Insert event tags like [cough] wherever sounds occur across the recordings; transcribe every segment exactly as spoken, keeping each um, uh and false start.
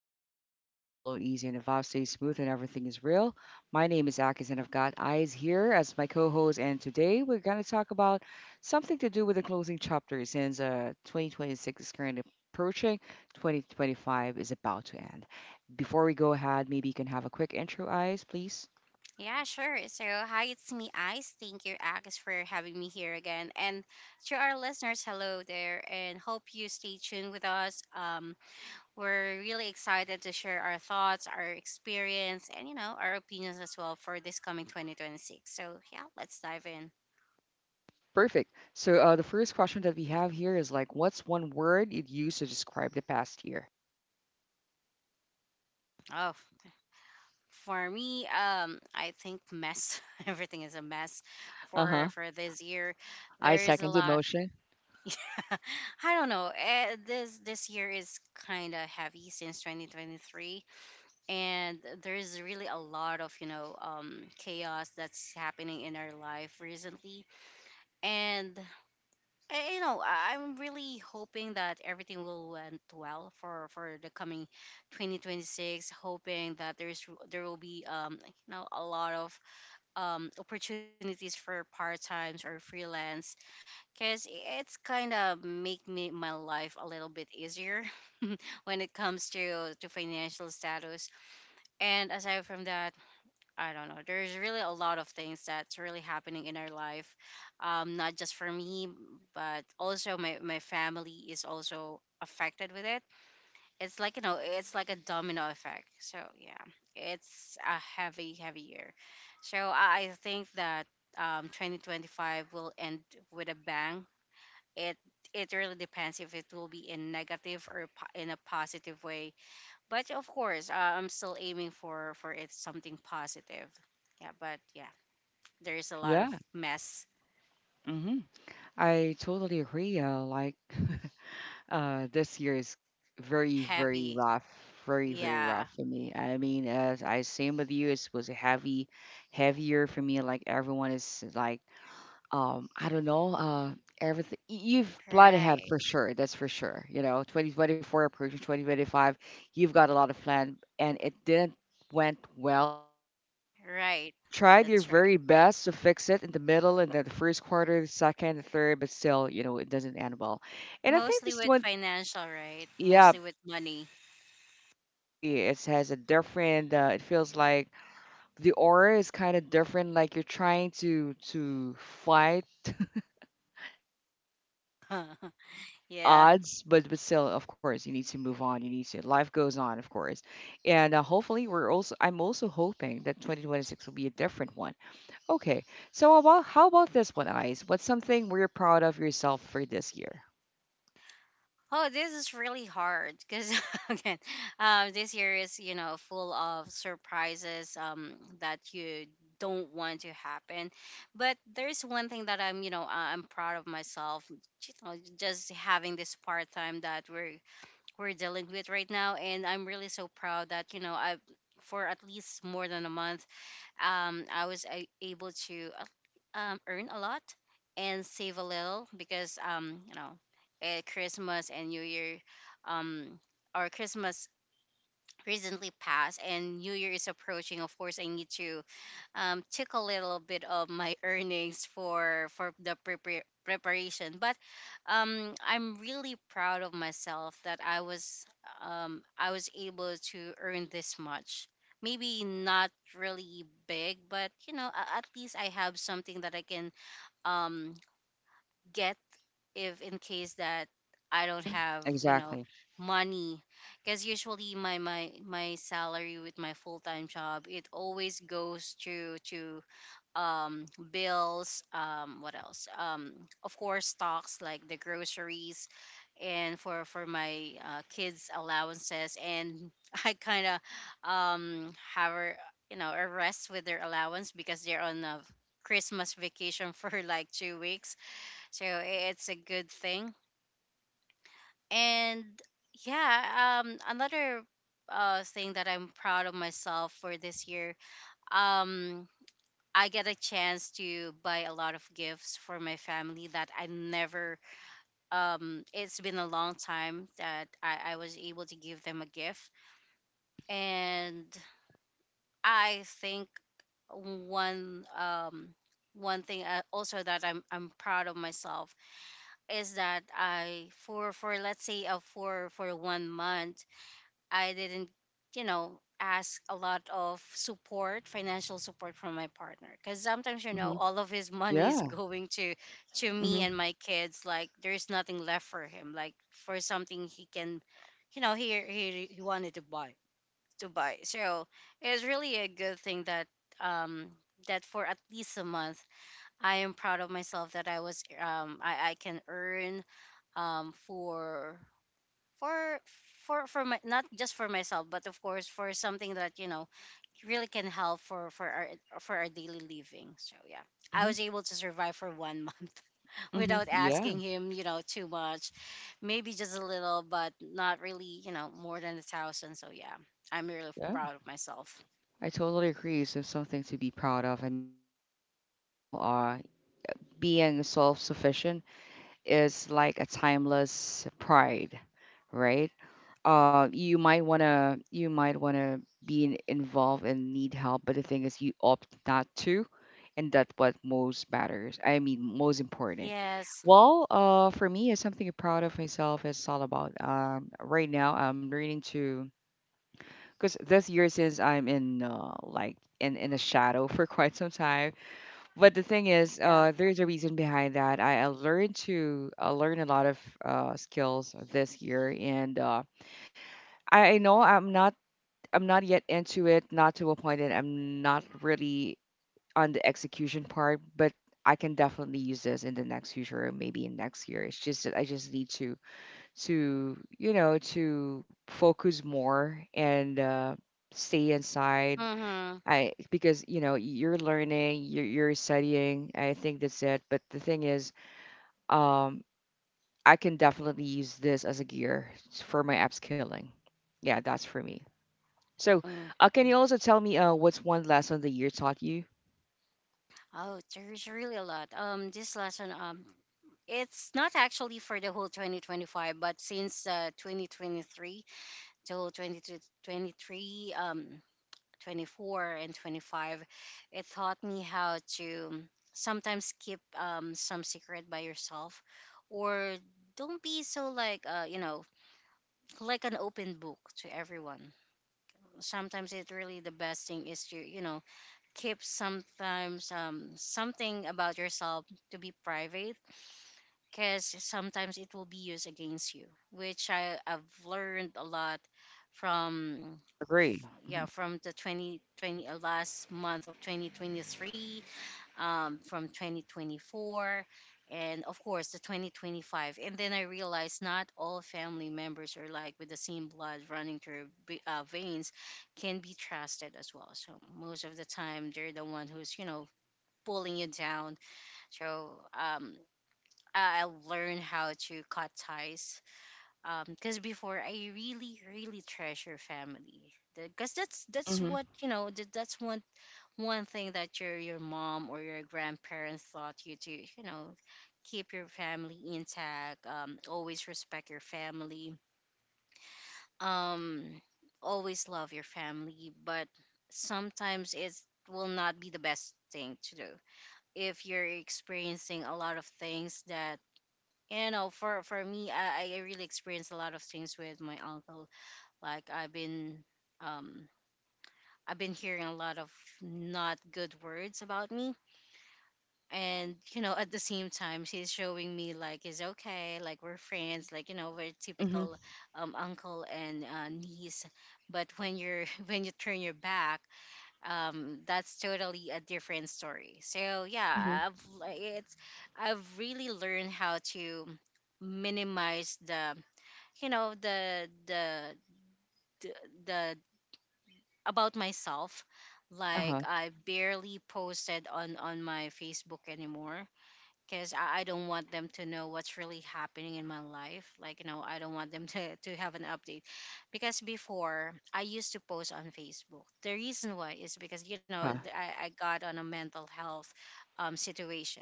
zone where conversation flow easy and the vibe stays smooth and everything is real. My name is Akis and I've got Eyes here as my co-host. And today we're gonna talk about something to do with the closing chapter since uh twenty twenty-six is currently approaching, twenty twenty-five is about to end. Before we go ahead, maybe you can have a quick intro, Eyes, please. Yeah, sure. So, hi, it's me, Ice. Thank you, Agus, for having me here again. And to our listeners, hello there, and hope you stay tuned with us. Um, we're really excited to share our thoughts, our experience, and you know, our opinions as well for this coming twenty twenty-six. So, yeah, let's dive in. Perfect. So uh, the first question that we have here is like, what's one word you'd use to describe the past year? Oh, for me, um, I think mess. [laughs] Everything is a mess Uh for huh. for this year. I There is a second the lot. motion. [laughs] I don't know. eh, This this year is kind of heavy since twenty twenty-three, and there's really a lot of you know um, chaos that's happening in our life recently. And eh, you know, I- I'm really hoping that everything will went well for for the coming twenty twenty-six. Hoping that there's there will be um you know a lot of um opportunities for part times or freelance because it's kind of make me my life a little bit easier [laughs] when it comes to to financial status. And aside from that, I don't know, there's really a lot of things that's really happening in our life, um not just for me but also my my family is also affected with it. It's like, you know, it's like a domino effect. So yeah, it's a heavy heavy year. So i I think that, um, twenty twenty-five will end with a bang. It it really depends if it will be in negative or po- in a positive way. But of course, uh, I'm still aiming for for it something positive. Yeah, but yeah, there is a lot of Yeah. mess. Mm-hmm. I totally agree. Uh, like, [laughs] uh, this year is very, very Heavy. rough. Very, very rough Yeah. for me. I mean, as I same with you, it was a heavy, heavier for me. Like everyone is like, um i don't know uh everything you've planned ahead for Right, sure. That's for sure, you know. twenty twenty-four approaching twenty twenty-five, you've got a lot of plan and it didn't went well in the goal. right. You've tried your That's very right. best to fix it in the middle, and then the first quarter, the second, the third, but still, you know, it doesn't end well. And I think Mostly this with one, financial, right? yeah, Mostly with yeah, money. exactly, I totally agree. It has a different uh, it feels like the aura is kind of different, like you're trying to to fight uh [laughs] the the Yeah. odds, but but still, of course, you need to move on, you need to life goes on, of course. And uh, hopefully we're also, I'm also hoping that twenty twenty-six will be a different one. Okay. So about how about this one, Eyes, what's something we're proud of yourself for this year? Oh, this is really hard because, [laughs] again, um, this year is, you know, full of surprises, um, that you don't want to happen. But there's one thing that I'm, you know uh, I'm proud of myself, you know, just having this part time that we're we're dealing with right now, and I'm really so proud that, you know, I've for at least more than a month, um, I was a- able to uh, um, earn a lot and save a little because, um, you know, at Christmas and New Year, um, or Christmas recently passed and New Year is approaching. Of course, I need to, um, took a little bit of my [laughs] earnings for for the prepar- preparation. But um, I'm really proud of myself that I was, um, I was able to earn this much. Maybe not really big, but you know, a- at least I have something that I can, um, get if in case that I don't have, you know, Exactly. money. Because usually my my my salary with my full-time job, it always goes to to um, bills, um, what else? Um, of course, stocks like the groceries, and for for my uh, kids' allowances. And [laughs] I kind of, um, have her, you know, a rest with their allowance because they're on a Christmas vacation [laughs] for like two weeks. So i- it's a good thing. And yeah, um, another uh, thing that I'm proud of myself for this year. Um, I get a chance to buy a lot of gifts for my family that I never, um it's been a long time that I, I was able to give them a gift. And I think one um one thing, uh, also, that I'm I'm proud of myself is that I, for for let's say uh, for for one month I didn't, you know, ask a lot of support, financial support from my partner. Because sometimes, you know, Hmm. all of his [laughs] money is Yeah. going to to Hmm. me and my kids. Like there's nothing left for him. Like for something he can, you know, he he he wanted to buy to buy. So it's really a good thing that, um that for at least a month, I am proud of myself that I was, um I, I can earn, um for for for for my, not just for myself, but of course for something that, you know, really can help for for our for our daily living. So yeah, I Hmm. was able to survive for one month [laughs] Hmm. without Yeah, asking him, you know, too much. Maybe just a little but not really, you know, more than a thousand. So yeah, I'm really yeah, proud of myself. I totally agree. So something to be proud of, I mean, um while uh being self-sufficient is like a timeless pride, right? Uh, you might wanna you might wanna be in, involved and need help, but the thing is, you opt not to, and that's what most matters. I mean, most important. Yes. Well, uh, for me, it's something I'm proud of myself. It's all about um, right now. I'm learning to, because this year, since I'm in uh, like in in the shadow [laughs] for quite some time, but the thing Yeah. is, uh, there's a reason behind that. I, I learned to, I learned a lot of uh, skills this year, and uh, I, I know I'm not, I'm not yet into it, not to a point that I'm not really on the execution part, but I can definitely use this in the next future, or maybe in next year. It's just that I just need to, to you know, to focus more and uh, stay inside. Mm-hmm. I, because you know, you're learning, you're you're studying. I think that's it. But the thing is, um, I can definitely use this as a gear s- for my upskilling. Yeah, that's for me. So, uh, can you also tell me uh, what's one lesson the year taught you? Oh, there's really a lot. Um, this lesson, um, it's not actually for the whole twenty twenty-five, but since uh, twenty twenty-three to whole twenty-two, um, twenty-four and twenty-five, it taught me how to sometimes keep, um, some secret by yourself, or don't be so like, uh, you know like an open book to everyone. Sometimes it really the best thing is to, you know, keep sometimes, um, something about yourself to be private, because sometimes it will be used against you, which I, I've learned a lot from. Agree. Yeah, from the twenty twenty, uh, last month of twenty twenty-three, um, from twenty twenty-four, and of course the twenty twenty-five. And then I realized not all family members are like with the same blood running through ve- uh, veins can be trusted as well. So most of the time they're the one who's, you know, pulling you down. So, um, I I learned how to cut ties. Because before I really, really treasure family. Because that's that's Mm-hmm. what, you know, That, that's one one thing that your your mom or your grandparents taught you, to, you know, keep your family intact. Um, always respect your family. Um, Always love your family. But sometimes it will not be the best thing to do if you're experiencing a lot of things that, you know, for for me i I really experienced a lot of things with my uncle. Like I've been, um I've been hearing a lot of not good words about me. And you know, at the same time he's showing me like it's okay, like we're friends, like, you know, we're Hmm. typical, um uncle and uh, niece. But when you're, [laughs] when you turn your back, um that's totally a different story. So Hmm. yeah, i've l- it's, I've really learned how to minimize the, you know, the the the, the about myself. Like Uh-huh. I barely posted on on my Facebook anymore. Because I, I don't want them to know what's really happening in my life. Like, you know, I don't want them [laughs] to, to have an update. Because before, I used to post on Facebook. The reason why is because, you know, Uh-huh. th- I, I got on a mental health, um, situation.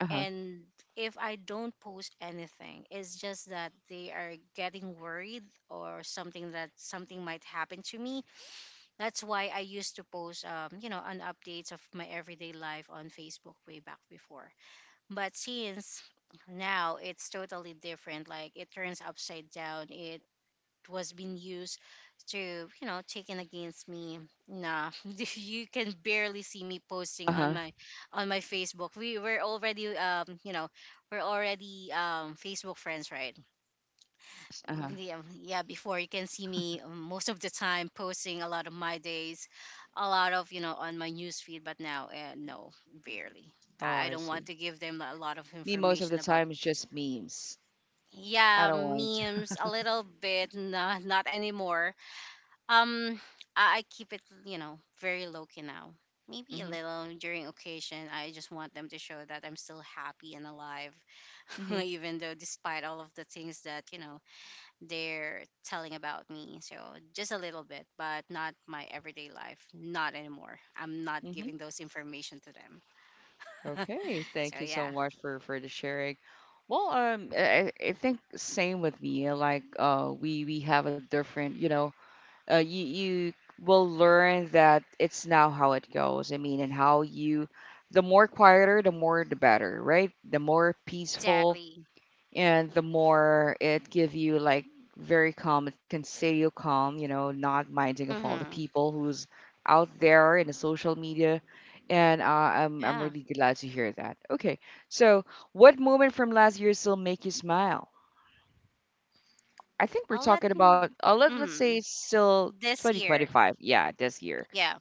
Uh-huh. And if I don't post anything, it's just that they are getting worried, or something that something might happen to me. That's why I used to post, um, you know, on updates of my everyday life on Facebook way back before. But since now it's totally different, like it turns upside down, it was being used to, you know, taken against me. Nah, [laughs] you can barely see me posting on Uh-huh. my on my Facebook. We were already, um, you know, we're already, um Facebook friends, right? Uh-huh. Yeah, yeah, before you can see me, um, most of the time posting a lot of my days, a lot of, you know, on my news feed. But now, uh, no, barely. Oh, I, I I don't want see. to give them a lot of Me, most of information the about. time it's just memes. I Yeah, don't want memes a little bit. No, not anymore. um I, I keep it, you know, very low key now. Maybe a to. little during occasion, I just want them to show that I'm still happy and alive, [laughs] Hmm. even though despite all of the things that, you know, they're telling about me. So just a little bit, but not my everyday life. Not anymore. I'm not Hmm. giving those information to them. Okay, [laughs] So thank you so yeah, much for for the sharing. Well, um, I, I I think same with me. uh, Like, uh, we we have a different, you know, uh, you you will learn that it's now how it goes. I mean, and how you, the more quieter, the more the better, right? The more peaceful, exactly. and the more it give you like very calm, it can stay you calm, you know, not minding of all the Hmm. people who's out there in the social media. And uh, I'm, I'm Yeah, really glad to hear that. Okay, so what moment from last year still make you smile? I think we're I'll let. talking about uh, let, let's say Mm, it's still this year, twenty twenty-five, yeah, this year. yeah.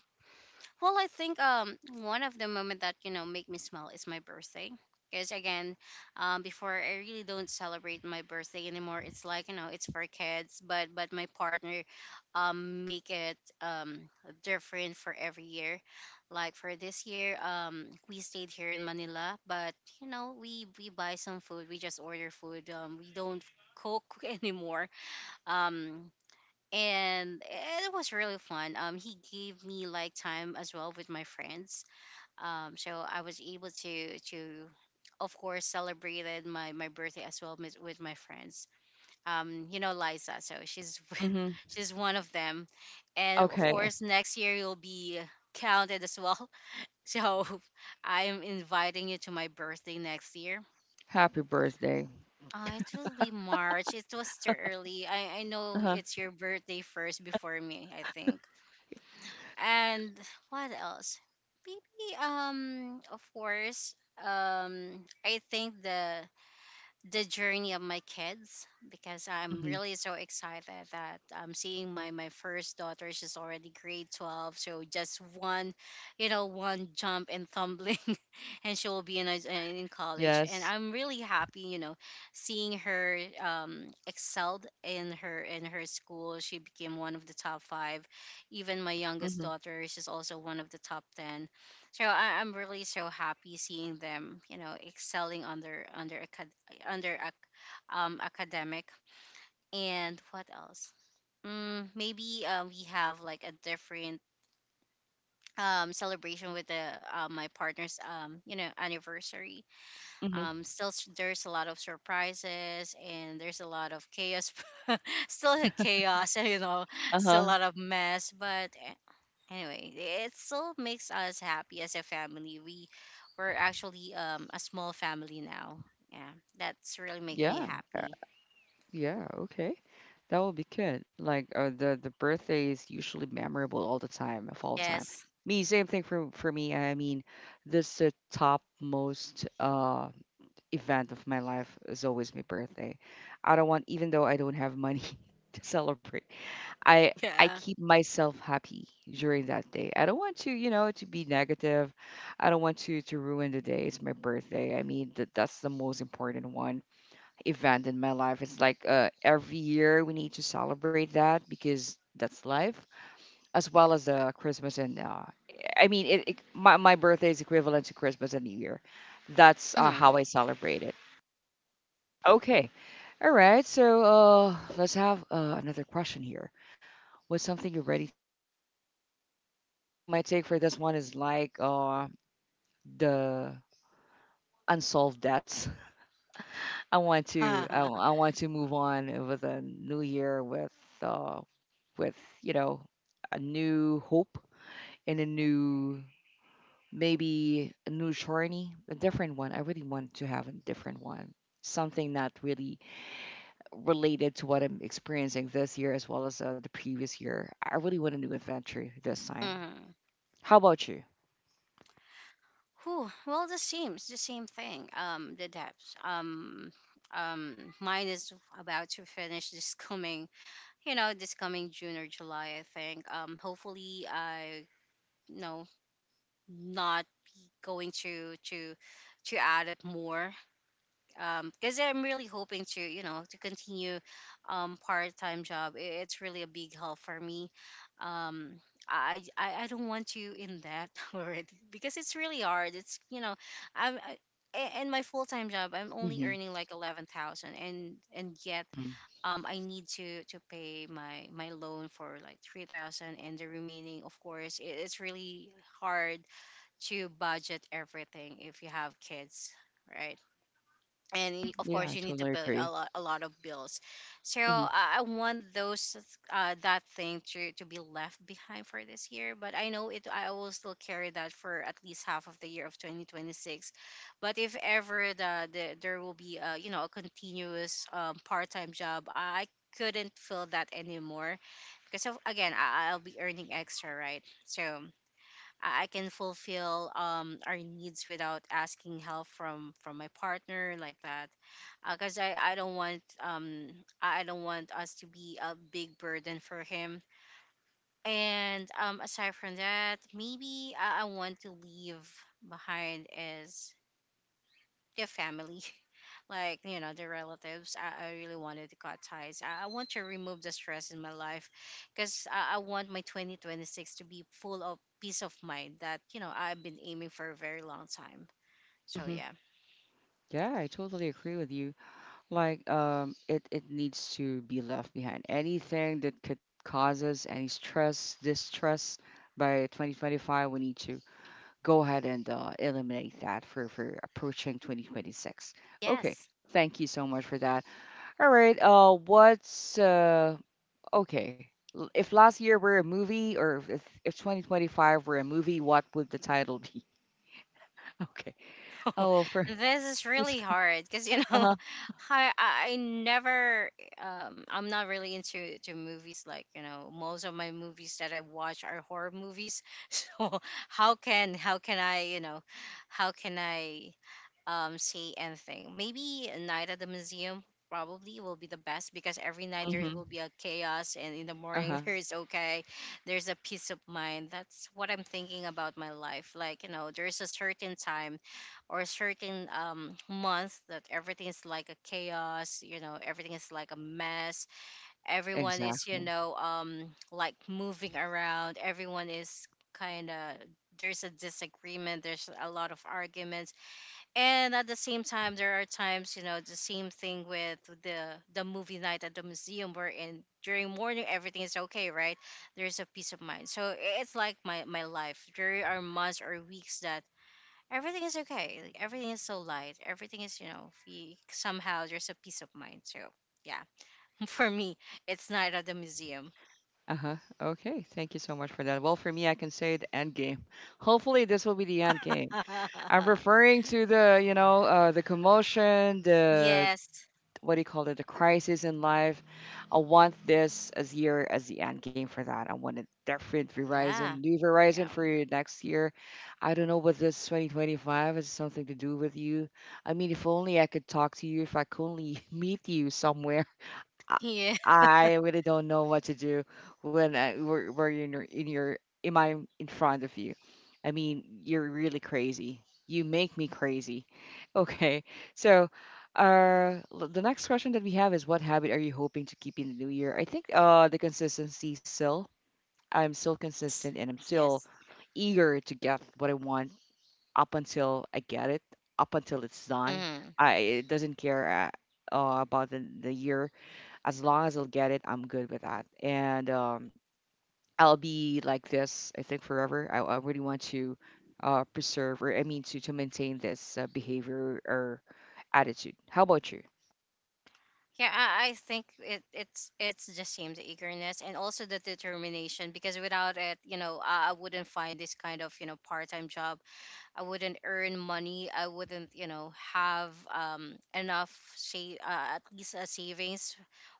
Well, I think, um one of the moment that, you know, make me smile is my birthday. Because again, um, before I really don't celebrate my birthday anymore. It's like, you know, it's for kids, but but my partner, um, make it um different for every year. Like for this year, um, we stayed here in Manila, but you know, we we buy some food. We just order food. Um, we don't cook [laughs] anymore. Um, and it was really fun. Um, he gave me like time as well with my friends. Um, so I was able to to, of course, celebrated my my birthday as well with, with my friends. Um, you know Liza, so she's Mm-hmm. [laughs] she's one of them, and of Okay. course next year you'll be counted as well. [laughs] So I'm inviting you to my birthday next year. Happy birthday. Uh, it will be March. It was too early. I, I know Uh-huh. it's your birthday first before me, I think. And what else? Maybe um of course um I think the the journey of my kids because I'm Hmm. really so excited that I'm seeing my my first daughter. She's already grade twelve, so just one, you know, one jump and tumbling, [laughs] and she will be in a, in college. And Yes. I'm really happy, you know, seeing her um, excelled in her in her school. She became one of the top five. Even my youngest Mm-hmm. daughter, she's also one of the top ten, so I, I'm really so happy seeing them, you know, excelling on their on their acad- under ac- um, academic. And what else? Mm, maybe uh, we have like a different um, celebration with the uh, my partner's um, you know anniversary. Mm-hmm. Um, still, s- there's a lot of surprises and there's a lot of chaos. [laughs] Still a chaos, [laughs] you know, still a Uh-huh. lot of mess. But eh, anyway, it still makes us happy as a family. We we're actually um, a small family now. Yeah, that's really makes me Yeah. happy. Yeah, okay. That will be good. Like uh, the the birthday is usually memorable all the time, of all time. Yes. Me, same thing for for me. I mean, this the top most uh event of my life is always my birthday. I don't want, even though I don't have money [laughs] to celebrate, I I Yeah. keep myself happy during that day. I don't want to, you know, to be negative. I don't want to to ruin the day. It's my birthday. I mean, that that's the most important one event in my life. It's like uh, every year we need to celebrate that because that's life, as well as uh, Christmas and uh, I mean, it, it, my my birthday is equivalent to Christmas and New Year. That's uh, Mm-hmm. how I celebrate it. Okay, all right. So uh, let's have uh, another question here. What's something you're ready to leave behind the old year? Mia, I'll take my take for this one is like uh, the unsolved debts. I want to I, w- I want to move on with a new year with uh with you know, a new hope and a new, maybe a new journey, a different one. I really want to have a different one. Something not really related to what I'm experiencing this year as well as uh, the previous year. I really want a new adventure this time. Mm-hmm. [laughs] How about you? Whew, well, the same, it's the same thing. Um, the depths. Um, um, mine is about to finish this coming, you know, this coming June or July, I think. Um, hopefully, I, you know, not be going to to to add it more um because I'm really hoping to you know to continue um part-time job. I- it's really a big help for me. Um I, I I don't want to in that [laughs] already because it's really hard. It's you know, I'm I, a- in my full time job. I'm only Hmm. earning like eleven thousand, and and yet um I need to to pay my my loan for like three thousand, and the remaining, of course, it, it's really hard to budget everything if you have kids, right? And y- of Yeah, course I you need to totally pay agree. a lot, a lot of bills. So Hmm. i I want those uh, that thing to, to be left behind for this year. But I know it I will still carry that for at least half of the year of twenty twenty-six. But if ever the, the there will be a, you know a continuous um, part-time job. I couldn't feel that anymore because of, again, I, I'll be earning extra, right? So I I can fulfill um, our needs without asking help from from my partner, like that. Because I, I don't want um I I don't want us to be a big burden for him. And um aside from that, maybe I, I want to leave behind is the family. [laughs] Like, you know, the relatives. I, I really wanted to cut ties. I, I want to remove the stress in my life, because I, I want my twenty twenty-six to be full of peace of mind that, you know, I've been aiming for a very long time. So, Hmm. yeah. Yeah, I totally agree with you. Like, um it, it needs to be left behind, anything that could cause us any stress distress. By twenty twenty-five we need to go ahead and uh, eliminate that for for approaching twenty twenty-six. Okay, Yes. thank you so much for that. All right, uh what's uh okay, l- if last year were a movie, or if if twenty twenty-five were a movie, what would the title be? [laughs] Okay. [laughs] Oh well, for This is really [laughs] hard because you know uh-huh. [laughs] I, I never um I'm not really into to movies, like you know most of my movies that I watch are horror movies, [laughs] so how can how can I you know how can I um see anything. Maybe a Night at the Museum probably will be the best, because every night there Mhm. will be a chaos and in the Uh-huh. morning [laughs] there's okay, there's a peace of mind. That's what I'm thinking about my life. Like, you know there's a certain time or certain um, month that everything is like a chaos. You know everything is like a mess. Everyone is, you Exactly. know um, like, moving around. Everyone is kind of, there's a disagreement, there's a lot of arguments. And at the same time, there are times, you know the same thing with the the movie Night at the Museum, where in during morning everything is okay, right? There's a peace of mind. So i- it's like my my life. There are months or weeks that everything is okay. Like, everything is so light. Everything is, you know, y- somehow there's a peace of mind. So, yeah, [laughs] for me, it's not at the museum. Uh-huh. Okay. Thank you so much for that. Well, for me, I can say the end game. [laughs] Hopefully, this will be the end game. I'm [laughs] referring to the, you know, uh, the commotion, the Yes. what do you call it, the crisis in life. I want this as year as the end game for that. I want a different Verizon, Yeah. new Verizon Yeah. for you next year. I don't know what this twenty twenty-five has something to do with you. I mean, if only I could talk to you, if I could only [laughs] meet you somewhere. I Yes. [laughs] I really don't know what to do when I, where, where you're in your in your in my in front of you. I mean, you're really crazy. You make me crazy. [laughs] Okay, so uh, l- the next question that we have is, what habit are you hoping to keep in the new year? I think uh, the consistency still. I'm still consistent and I'm still Yes. eager to get what I want up until I get it, up until it's done. Hmm. I it doesn't care uh, uh, about the, the year as long as I'll get it, I'm good with that. And um, I'll be like this, I think, forever. I, I really want to uh, preserve, or I mean, to, to maintain this uh, behavior or attitude. How about you? Yeah, I, I think it, it's it's the same, the eagerness and also the determination. Because without it, you know, I, I wouldn't find this kind of you know part time job. I wouldn't earn money. I wouldn't, you know, have um, enough, say, uh, at least a savings,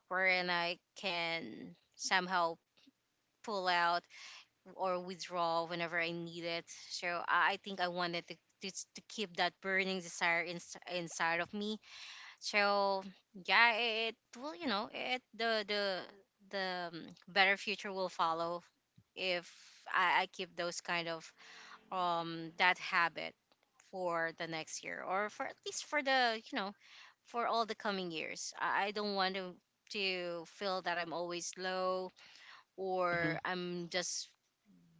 wherein I can somehow pull out or withdraw whenever I need it. So I I think I wanted to, to, s- to keep that burning desire in, inside of me. So yeah, it, will, you know, it the the the um, better future will follow if I, I keep those kind of um that habit for the next year, or for at least for the you know for all the coming years. I I don't want to to feel that I'm always low Hmm. or I'm just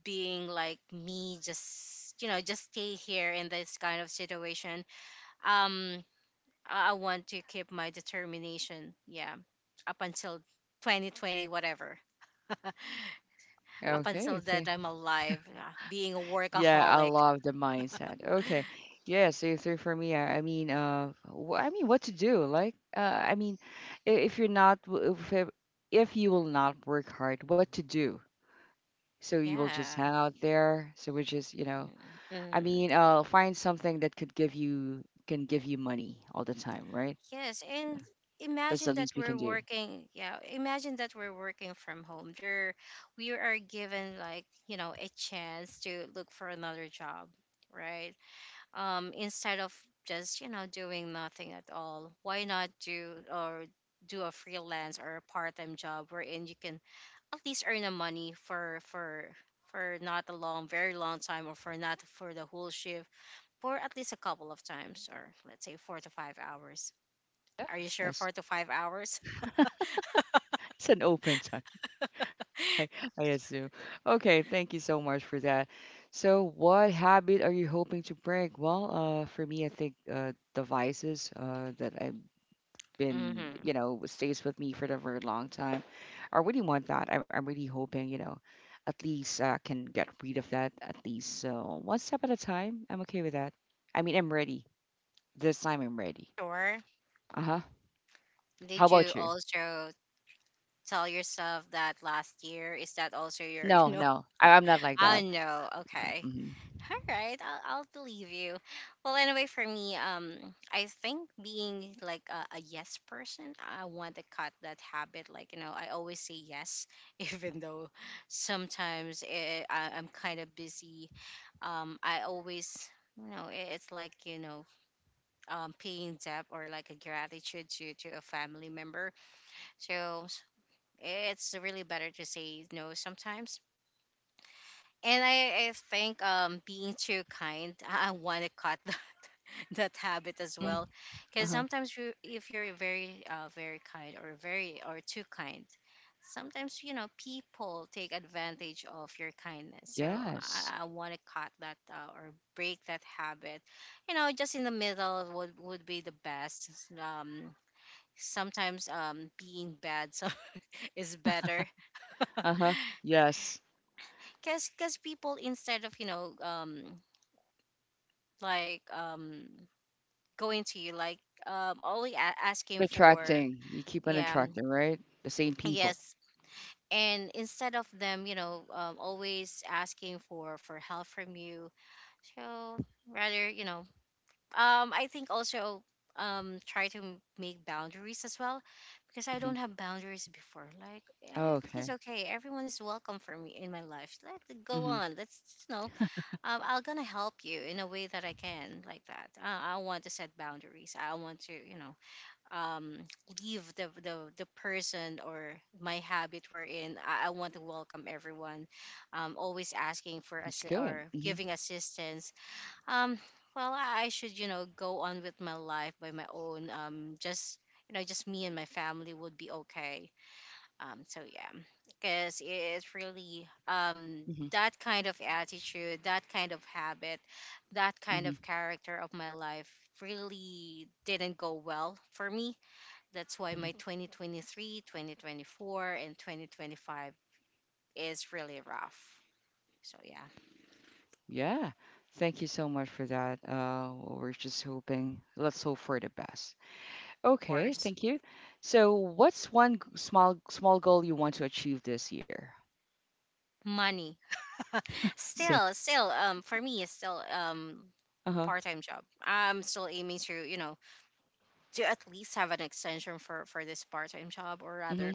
being like me, just you know just stay here in this kind of situation. Um i I want to keep my determination, yeah, up until twenty twenty whatever. [laughs] Up Okay. until Thank- that I'm alive, yeah, being a Yeah, I workaholic. love the mindset. Okay. Yeah. So, so for me, I, I mean, uh, wh- I mean, what to do? Like, uh, I mean, i- if you're not, w- if, it- if you will not work hard, what to do? So you will just Yeah. hang out there. So we just, you know, Mm, I mm. mean, uh, find something that could give you can give you money all the time, right? Yes, and That's the imagine that least we can we're do. working, yeah, imagine that we're working from home. There we are given, like, you know, a chance to look for another job, right? Um instead of just, you know, doing nothing at all. Why not do or do a freelance or a part-time job wherein you can at least earn the money for for for not a long, very long time, or for not for the whole shift, for at least a couple of times or let's say four to five hours. Yeah, Are you sure yes. four to five hours? [laughs] It's an open time, [laughs] I, [laughs] I assume. Okay, thank you so much for that. So, what habit are you hoping to break? Well, uh, for me, I think uh, the vices uh, that I've been, Mm-hmm. you know, stays with me for a very long time. I really want that. I'm, I'm really hoping, you know, at least uh, I can get rid of that at least uh, one step at a time. I'm okay with that. I mean, I'm ready. This time I'm ready. Sure. Uh huh. How Did you about you? also tell yourself that last year? Is that also your, you No, know? no, I, I'm not [laughs] like I that. no. Okay. Mm-hmm. All right. I'll, I'll believe you. Well, anyway, for me, um, I think being like a, a yes person, I want to cut that habit. Like, you know, I always say yes, [laughs] even though sometimes eh, I, I'm kind of busy. Um, I always, you know, it, it's like, you know, um, paying debt or like a gratitude to, to a family member. So s- it's really better to say no sometimes. And I, I think um, being too kind, [laughs] I want to cut [laughs] that, that habit as well. Uh Because huh. sometimes you, if you're very, uh, very kind, or very, or too kind, sometimes, you know, people take advantage of your kindness. So Yes. I, I want to cut that uh, or break that habit. You know, just in the middle would would be the best. Um, Sometimes um being bad so [laughs] is better. [laughs] Uh huh. Yes. Because because people, instead of you know um like um going to you, like um only a- asking for, Attracting. You keep on yeah, um, attracting, right? The same people. yes. And instead of them, you know um, always asking for for help from you, so rather, you know um I think also um try to m- make boundaries as well. Because I Hmm. don't have boundaries before. Like, yeah, Oh, everything is okay. okay, everyone is welcome for me in my life, let's go Mm-hmm. on, let's you know um, I'm gonna help you in a way that I can, like that. uh, I want to set boundaries. I want to you know um leave the the, the person or my habit, wherein I, I want to welcome everyone, um always asking for It's assi- good. or Mm-hmm. giving assistance. um, well, I I should, you know, go on with my life by my own. Um, just you know, just me and my family would be okay. Um, so yeah, because it's really um Mm-hmm. that kind of attitude, that kind of habit, that kind Mm-hmm. of character of my life really didn't go well for me. That's why my twenty twenty-three, twenty twenty-four, and twenty twenty-five is really rough. So yeah. Yeah. Thank you so much for that. Uh, well, we're just hoping. Let's hope for the best. Of Okay. course. Thank you. So, what's one g- small small goal you want to achieve this year? Money. See. still still um for me it's still um Uh part-time job. I'm still aiming to you know to at least have an extension for for this part-time job. Or huh. rather,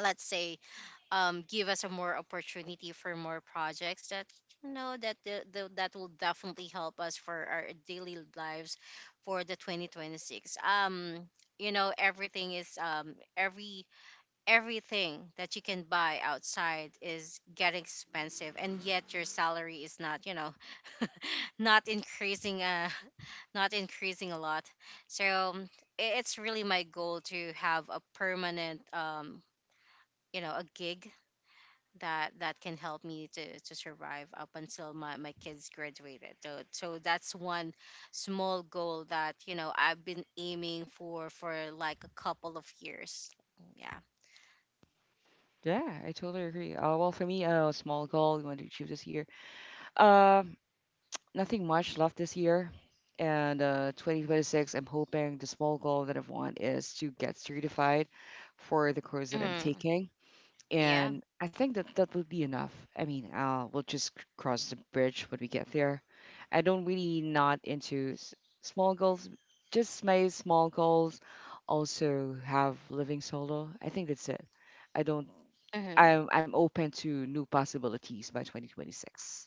let's say, um give us a more opportunity for more projects that you know that the, the, that will definitely help us for our daily lives for the twenty twenty-six. Um you know everything is, um every everything that you can buy outside is getting expensive. And yet your salary is not, you know [laughs] not increasing, uh [laughs] not increasing a lot. So um, i- it's really my goal to have a permanent um you know a gig that that can help me to to survive up until my, my kids graduated. So so that's one small goal that you know I've been aiming for for like a couple of years, yeah. Yeah, I totally agree. Uh, well, for me, uh, a small goal you want to achieve this year. Um, nothing much left this year, and uh, twenty twenty-six. I'm hoping the small goal that I want is to get certified for the course that I'm Mhm. taking, and I think that that would be enough. I mean, uh, we'll just c- cross the bridge when we get there. I don't really not into s- small goals, just my small goals. Also have living solo. I think that's it. I don't. Mm-hmm. I'm I'm open to new possibilities by twenty twenty-six.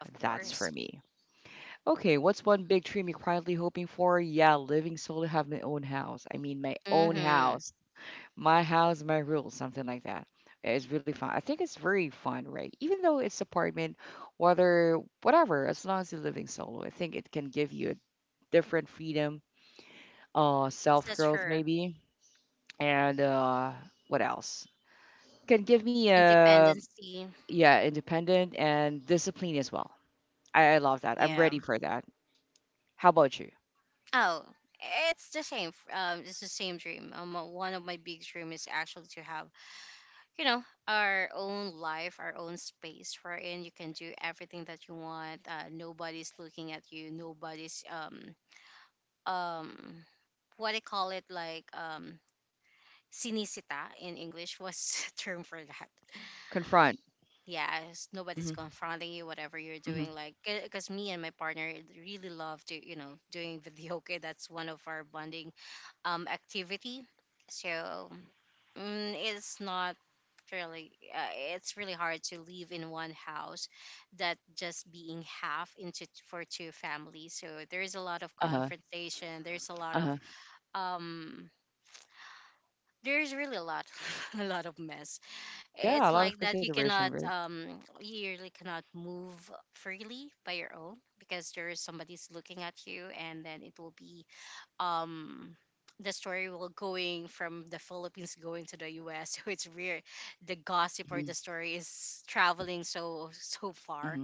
Of That's for course. me. Okay, what's one big dream you're quietly hoping for? Yeah, living solo, have my own house. I mean, my own Mm-hmm. house. My house, my rules, something like that. Yeah, it's really fun. I think it's very fun, right? Even though it's apartment, whether whatever, as long as you're living solo, I think it can give you a different freedom, uh, self That's growth true. maybe, and uh, what else? Can give me a Independency. yeah, independent and discipline as well. I, I love that. I'm Yeah. ready for that. How about you? Oh, it's the same. F- Um, it's the same dream. Um, uh, one of my big dreams is actually to have, you know, our own life, our own space, wherein you can do everything that you want. Uh, nobody's looking at you. Nobody's um um what I call it, like, um sinisita in English. What's [laughs] term for that? Confront. Yes, nobody's Hmm. confronting you whatever you're Hmm. doing, like, because me and my partner really love to, you know, doing [laughs] video. Okay, that's one of our bonding um activity. So mm, it's not really uh, it's really hard to live in one house that just being half into for two families, so there's a lot of Uh huh. confrontation, there's a lot Uh of huh. um there's really a lot [laughs] a lot of mess. Yeah, a It's lot of like that you consideration, cannot right? um you really cannot move freely by your own because there is somebody's looking at you, and then it will be um the story will going from the Philippines going to the U S [laughs] so it's weird. The gossip or Mm-hmm. the story is traveling so so far. Mm-hmm.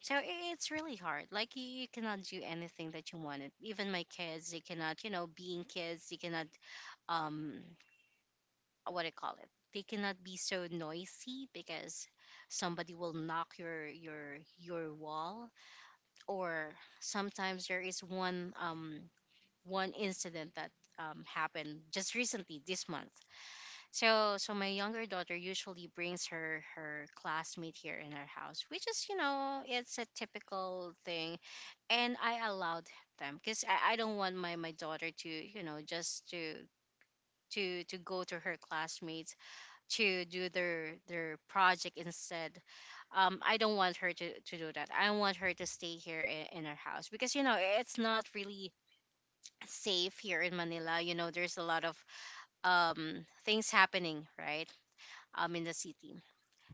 So i- it's really hard. Like you, you cannot do anything that you wanted. Even my kids, they cannot, you know, being kids, they cannot um what do you call it, they cannot be so noisy because somebody will knock your your your wall, or sometimes there is one um one incident that um, happened just recently this month. So so my younger daughter usually brings her her classmate here in her house, which is, you know, it's a typical thing, and I allowed them because I, I don't want my my daughter to, you know, just to to to go to her classmates to do their their project instead. um I don't want her to to do that. I want her to stay here in, in her house, because, you know, it's not really safe here in Manila. You know, there's a lot of um things happening, right, um in the city.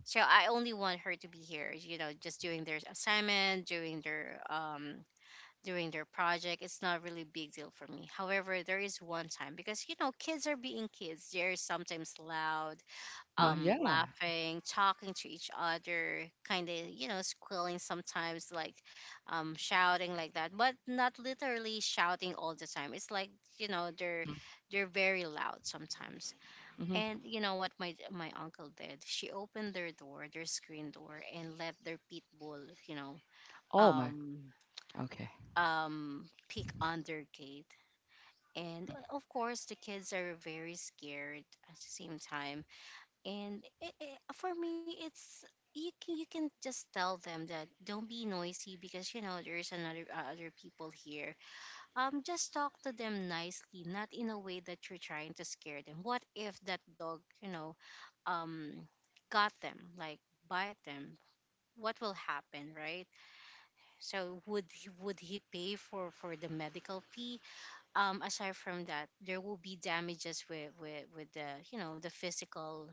So I only want her to be here, you know, just doing their assignment, doing their um doing their project. It's not really a big deal for me. However, there is one time, because, you know, kids are being kids, they're sometimes loud, Uh, um, yeah. laughing, talking to each other, kind of, you know, squealing sometimes, like um, shouting like that, but not literally shouting all the time. It's like, you know, they're they're very loud sometimes. Mm-hmm. Mm-hmm. And you know what my my uncle did? She opened their door, their screen door, and let their pit bull, you know, Oh my. um Okay. um peek on their gate. And uh, of course, the kids are very scared at the same time, and it, it- for me it's you can you can just tell them that don't be noisy, because, you know, there's another uh, other people here, um just talk to them nicely, not in a way that you're trying to scare them. What if that dog, you know, um got them, like, bite them, what will happen, right? So would he, would he pay for for the medical fee? Um aside from that, there will be damages with with with the, you know, the physical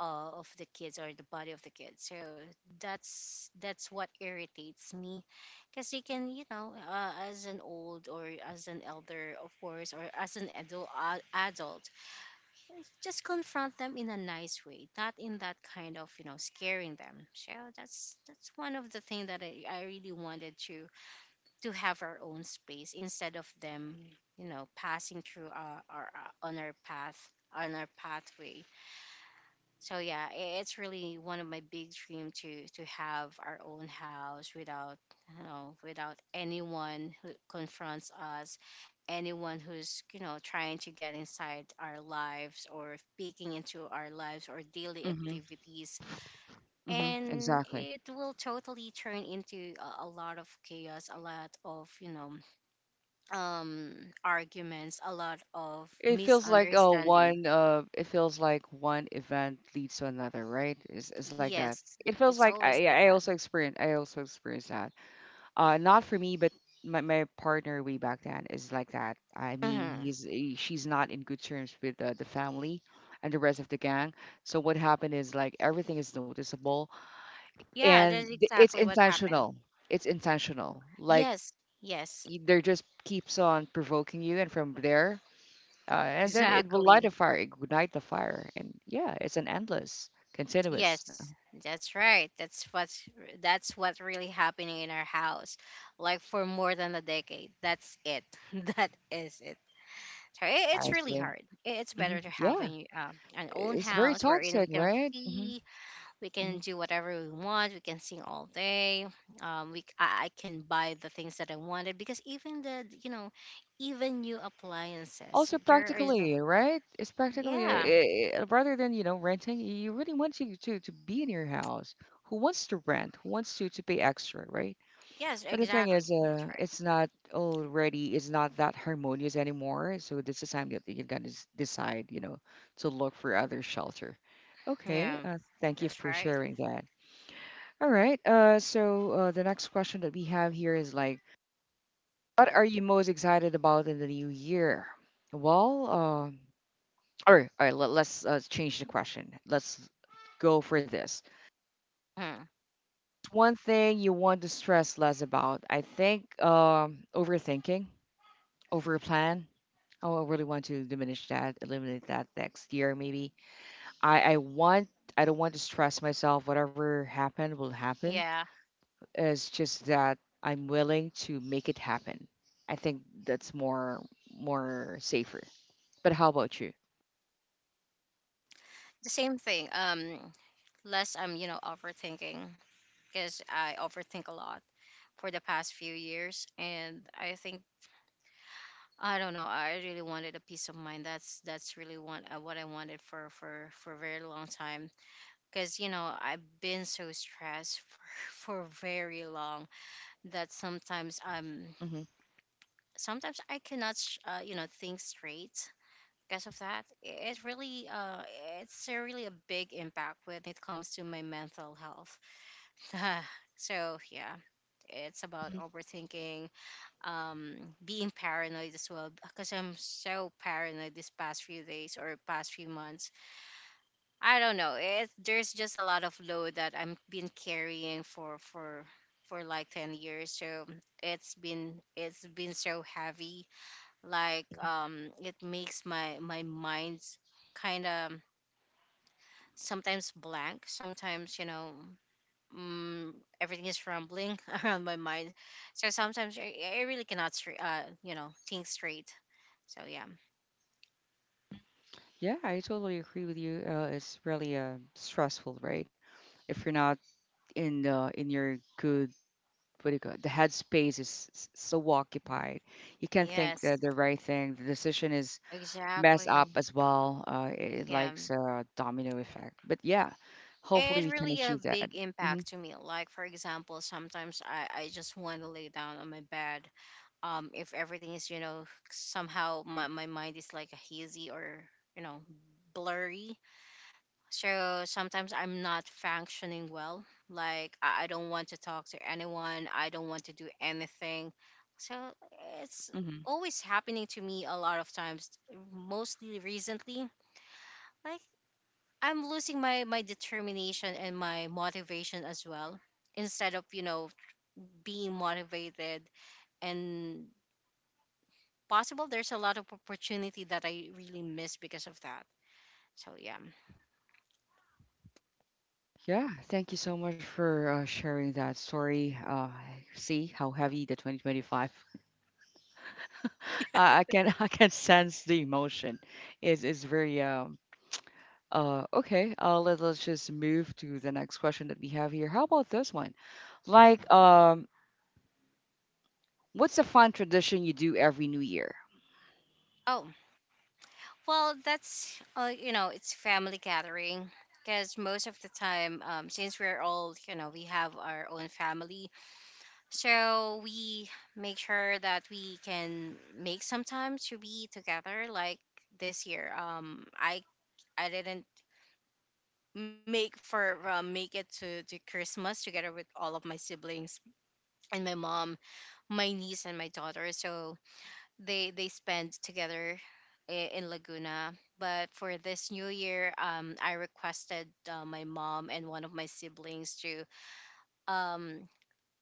uh, of the kids, or the body of the kids. So that's that's what irritates me, because you can, you know, uh, as an old or as an elder, of course, or as an adult, uh, adult, just confront them in a nice way, not in that kind of, you know, scaring them. So that's that's one of the things that I, I really wanted to to have our own space, instead of them, you know, passing through our, our, our on our path, on our pathway. So yeah, i- it's really one of my big dream to to have our own house without, you know, without anyone who confronts us, anyone who's, you know, trying to get inside our lives or peeking into our lives or daily Mhm. activities. Mhm. And Exactly. it will totally turn into a, a lot of chaos, a lot of, you know, um arguments, a lot of It feels like oh misunderstanding. one uh it feels like one event leads to another, right? It's, it's like that. Yes, It feels it's like I always yeah, like I that. also experience I also experience that. Uh, not for me but my, my partner way back then is like that. I mean, Hmm. he's he- she's not in good terms with uh, the family and the rest of the gang. So what happened is like everything is noticeable Yeah, and that's th- it's exactly what happened. intentional. It's intentional. Like Yes, yes, y- they just keeps on provoking you, and from there, uh, and then it will light exactly. a fire, ignite the fire, and yeah, it's an endless, continuous. um, Yes, that's right. That's what's that's what's really happening in our house, like for more than a decade. That's it. [laughs] That is it. So i- I it's would really say, hard. I- It's hmm, better to have yeah, an um, an own it's very house wherein we toxic, can right? Hmm. free, we Hmm. can do whatever we want, we can sing all day. Um, we c- I, I can buy the things that I wanted, because even the, you know, even new appliances Also, there is. practically, right? It's practically Yeah. uh, uh, rather than you know renting, you really want you to to be in your house. Who wants to rent? Who wants to to pay extra, right? Yes, But the thing exactly. is, That's uh, right. it's not already, it's not that harmonious anymore. So this is time that you're gonna s- decide, you know, to look for other shelter. Okay, Yeah. uh, thank you That's for right. sharing that. All right. Uh, so uh, the next question that we have here is like, what are you most excited about in the new year? Well, uh, all right, all right. Let, let's uh, change the question. Let's go for this. Hmm. One thing you want to stress less about, I think, um, overthinking over a plan. Oh, I really want to diminish that, eliminate that next year, maybe. I, I want, I don't want to stress myself. Whatever happened will happen. Yeah. It's just that I'm willing to make it happen. I think that's more, more safer. But how about you? The same thing. Um less I'm, you know, overthinking, because I overthink a lot for the past few years. And I think I don't know, I really wanted a peace of mind. That's that's really what uh, what I wanted for for for a very long time, because, you know, I've been so stressed for, [laughs] for very long, that sometimes I'm Hmm. sometimes I cannot sh- uh, you know, think straight, because of that it really uh it's a really a big impact when it comes to my mental health. [laughs] So yeah, it's about Hmm. overthinking. um Being paranoid as well, because I'm so paranoid these past few days or past few months. I don't know, it there's just a lot of load that I am been carrying for for for like ten years. So it's been it's been so heavy, like, um it makes my my mind's kind of sometimes blank, sometimes, you know, mm, everything is rumbling [laughs] around my mind. So sometimes I, I really cannot straight, uh, you know, think straight. So yeah, Yeah, I totally agree with you. Uh, it's really uh, stressful, right? If you're not in the in your good what do you call it? The headspace is s- so occupied. You can't think yes, the, the right thing. The decision is messed exactly. up as well. Uh, it, it Yeah, likes a domino effect. But yeah, hopefully it we can really a achieve that. big Hmm. impact to me. Like for example, sometimes I I just want to lay down on my bed. Um, if everything is, you know, somehow my my mind is like hazy or, you know, blurry. So sometimes I'm not functioning well. Like I I don't want to talk to anyone. I don't want to do anything. So it's Hmm. always happening to me a lot of times, mostly recently. Like I'm losing my my determination and my motivation as well. Instead of, you know, being motivated and possible, there's a lot of opportunity that I really miss because of that. So yeah. Yeah, thank you so much for uh, sharing that story. Uh, see how heavy the twenty twenty-five. [laughs] I I can [laughs] I can sense the emotion. Is is very um uh okay. Uh, let, let's just move to the next question that we have here. How about this one? Like um What's a fun tradition you do every New Year? Oh, well, that's uh, you know, it's family gathering, because most of the time, um, since we're all, you know, we have our own family, so we make sure that we can make some time to be together. Like this year, um, I I didn't make for uh, make it to to Christmas together with all of my siblings and my mom, my niece, and my daughter. So they they spend together i- in Laguna. But for this new year, um, I requested uh, my mom and one of my siblings to um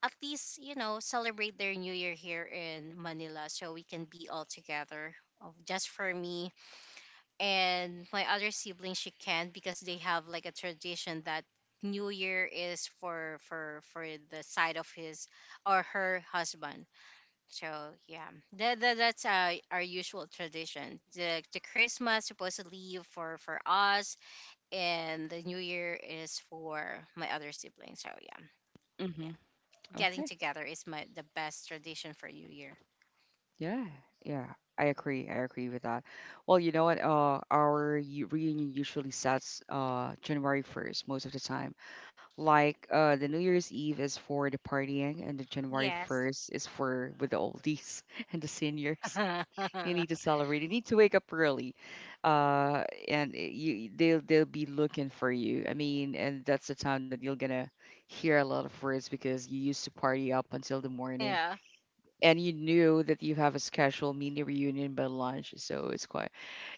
at least, you know, celebrate their new year here in Manila so we can be all together. Of just for me and my other sibling, she can't, because they have like a tradition that New Year is for for for the side of his or her husband. So yeah, that, that that's uh, our usual tradition. The, the Christmas supposedly for for us, and the New Year is for my other siblings. So yeah, Hmm. yeah, getting Okay. together is my the best tradition for New Year. Yeah. Yeah. I agree. I agree with that. Well, you know what? Uh, our u- reunion usually starts uh, January first most of the time. Like uh, the New Year's Eve is for the partying, and the January Yes. 1st is for with the oldies [laughs] and the seniors. [laughs] You need to celebrate. You need to wake up early, uh, and it- you they'll they'll be looking for you. I mean, and that's the time that you're gonna hear a lot of words because you used to party up until the morning, Yeah. and you knew that you have a scheduled mini reunion by lunch, so it's quite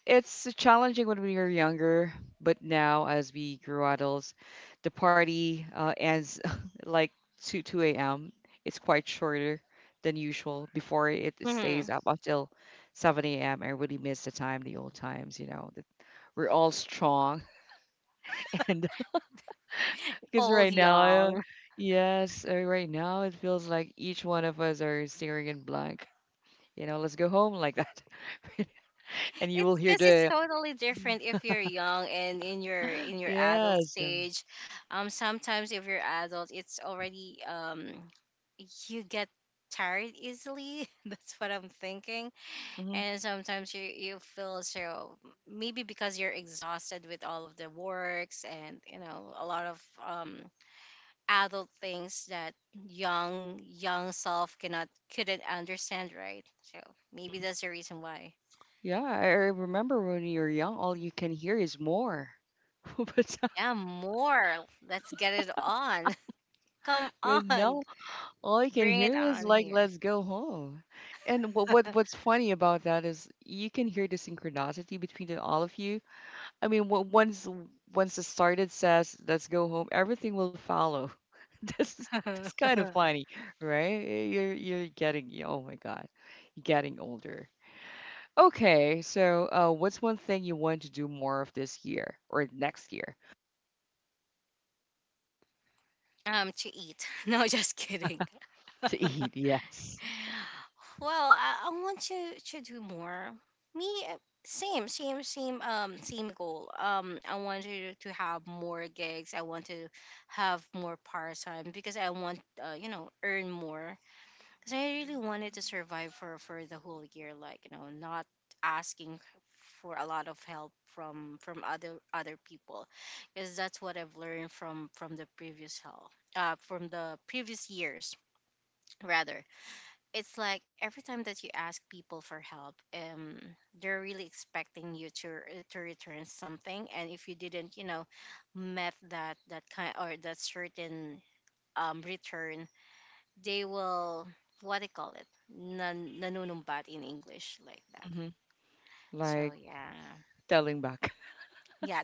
it's challenging when we were younger, but now as we grew adults, the party uh, ends [laughs] like two two a m. It's quite shorter than usual. Before it stays Mhm. up until seven a m. I really miss the time, the old times, you know. That we're all strong [laughs] and because Old right now, uh, young. yes, uh, right now it feels like each one of us are staring in blank. You know, let's go home like that. [laughs] And you will It's hear because it's the totally different [gasps] if you're young and in your [laughs] in your adult yes. stage. Um, sometimes if you're adult, it's already um, you get tired easily. [laughs] That's what I'm thinking. Um, And sometimes you you feel so maybe because you're exhausted with all of the works and, you know, a lot of um adult things that young young self cannot couldn't understand, right. So maybe that's the reason why. yeah, I I remember when you're young, all you can hear is more. [laughs] But so, Yeah, more. Let's get it on. [laughs] Come I mean, now on. all you can Bring it hear is on like, here. let's go home. And what, what what's funny about that is you can hear the synchronicity between the, all of you. I mean, wh- once once the started says, let's go home, everything will follow. [laughs] This is that's kind [laughs] of funny, right? You're you're getting, oh my God, you're getting older. Okay, so uh, what's one thing you want to do more of this year or next year? um, to eat. [laughs] No, just kidding. [laughs] To eat, yes. Well, I, I want to to do more. Me, uh, same, same, same, um, same goal. Um, I want to to have more gigs. I want to have more part time, because I want, uh, you know, earn more, because I really wanted to survive for for the whole year, like, you know, not asking for a lot of help from from other other people, because that's what I've learned from from the previous hell, uh, from the previous years rather. It's like every time that you ask people for help, um, they're really expecting you to re- to return something, and if you didn't, you know, met that that kind or that certain um return. They will, what they call it, nan- nanunumbat in English, like that. Hmm. So Like yeah. telling back. [laughs] Yeah.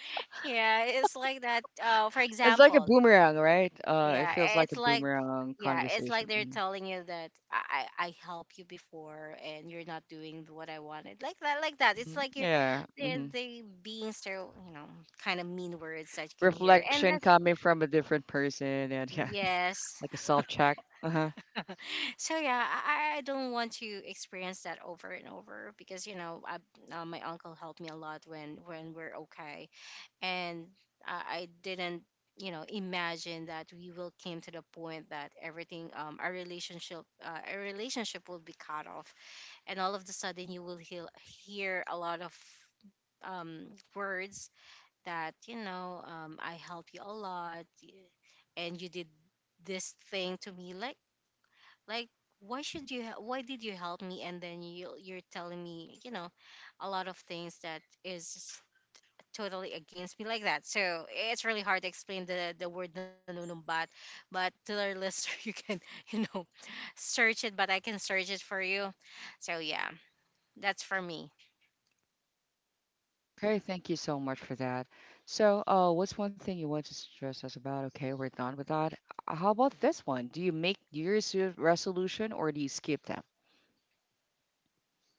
[laughs] Yeah, it's like that, uh for It's like a example. boomerang, right? Uh, yeah, it feels it's like a like, boomerang yeah, it's like conversation. they're Mhm. telling you that i i I helped you before and you're not doing what I wanted, like that, like that. It's Mhm. like you're, Yeah. they Hmm. they being so, you know kind of mean words that you can hear, and Reflection that's. coming from a different person, and yeah, Yes. [laughs] like a self check. Uh huh. [laughs] So yeah, I, I I don't want to experience that over and over, because you know I, uh, my uncle helped me a lot when when we're okay, and I, I didn't, you know imagine that we will came to the point that everything, um our relationship, uh, our relationship will be cut off, and all of the sudden you will hear, hear a lot of, um words, that, you know um I help you a lot, y- and you did this thing to me, like, like why should you, he- why did you help me, and then you you're telling me, you know a lot of things that is totally against me, like that. So it's really hard to explain the the word nanunumbat, but to our listener, [laughs] you can, you know search it. But I can search it for you. So yeah, that's for me. Okay, thank you so much for that. So, uh, what's one thing you want to stress us about? Okay, we're done with that. Uh, How about this one? Do you make New Year's Re- resolution or do you skip them?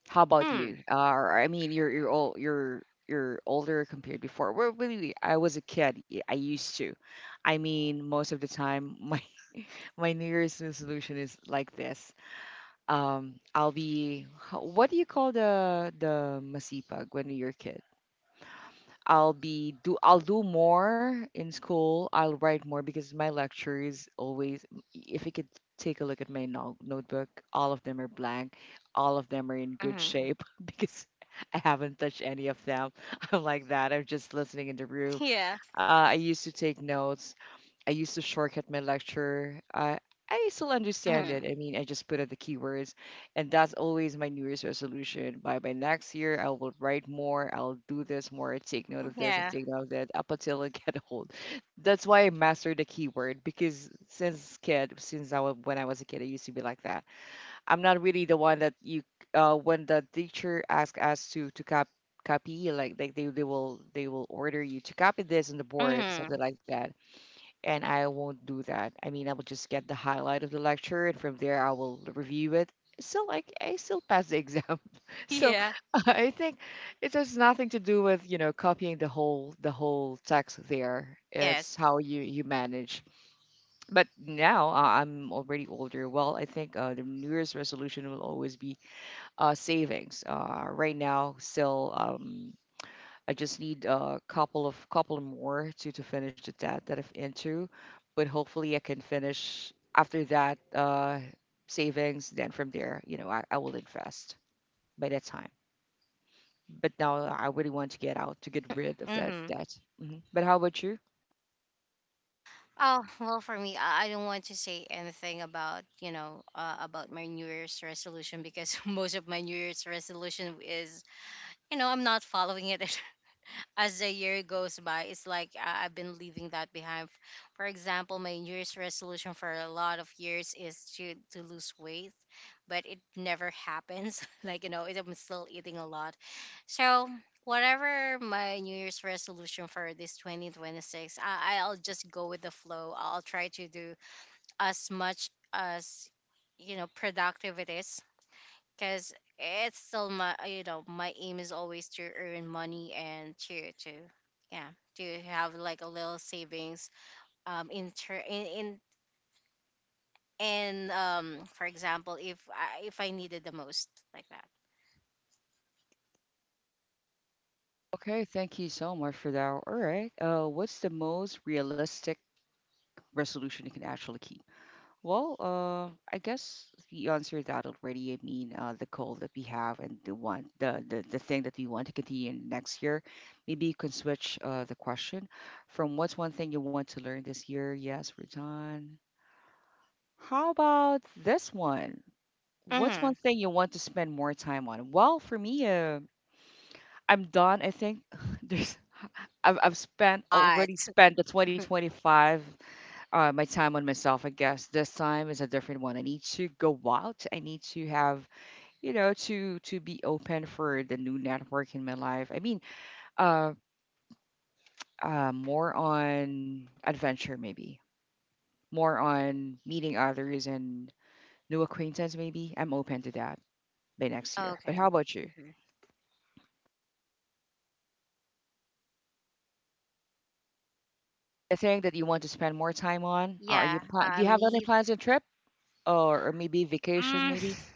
How about you? Uh, hmm. I mean, you're you're all you're you're older compared before. Well, really, I was a kid. y- I used to. I mean, most of the time, my [laughs] my New Year's resolution is like this. Um, I'll be. h- What do you call the the masipag when you're a kid? I'll be do I'll do more in school. I'll write more because my lectures always if you could take a look at my no- notebook, all of them are blank. All of them are in good shape Hmm. [laughs] because I haven't touched any of them. [laughs] I'm like that. I'm just listening in the room. Yeah. Uh, I used to take notes I used to shortcut my lecture. I I still understand it. I Hmm. mean, I just put out the keywords, and that's always my New Year's resolution. By by next year, I will write more. I'll do this more. Take note of this and Yeah. take note of that up until I [laughs] get old. That's why I mastered the keyword because since kid, since I was when I was a kid, I used to be like that. I'm not really the one that you uh when the teacher asks us to to cop copy like like they, they will they will order you to copy this on the board something Hmm. like that, and I won't do that. I mean, I will just get the highlight of the lecture, and from there I will review it. Still, like, I still pass the exam. [laughs] So Yeah. [laughs] I think it has nothing to do with you know copying the whole the whole text there. It's Yes. how you you manage. But now uh, I'm already older. Well, I think uh, the New Year's resolution will always be uh, savings. Uh, right now, still. Um, I just need a couple of couple more to to finish the that that I've into, but hopefully I can finish after that uh savings. Then from there, you know, I, I will invest by that time. But now I really want to get out to get rid of that Hmm. debt. Hmm. But how about you? Oh, well, for me, I I don't want to say anything about, you know, uh, about my New Year's resolution, because [laughs] most of my New Year's resolution is, you know, I'm not following it. [laughs] As the year goes by, it's like I- I've been leaving that behind. For example, my New Year's resolution for a lot of years is to to lose weight, but it never happens. [laughs] like you know, it- I'm still eating a lot. So whatever my New Year's resolution for this twenty twenty-six, I, I'll just go with the flow. I'll try to do as much as, you know productive it is, because it's still my, you know my aim is always to earn money, and to to yeah to have like a little savings, um in ter- in in and um, for example, if I, if I needed the most, like that. Okay, thank you so much for that. All right. Uh, what's the most realistic resolution you can actually keep? Well, uh, I guess we answered that already. I mean, uh, the goal that we have and the one, the, the the thing that we want to continue in next year. Maybe you can switch uh, the question from what's one thing you want to learn this year? Yes, we're done. How about this one? What's Mm-hmm. one thing you want to spend more time on? Well, for me, uh, I'm done. I think [laughs] there's I've I've spent already But. spent the twenty twenty-five uh, my time on myself. I guess this time is a different one. I need to go out. I need to have, you know, to to be open for the new network in my life. I mean, uh, uh, more on adventure maybe, more on meeting others and new acquaintance maybe. I'm open to that by next year. Okay. But how about you? Hmm. The thing that you want to spend more time on? Are you Yeah. plan- do you Um, have any me. plans and trip or, or maybe vacation Mm. maybe? [laughs]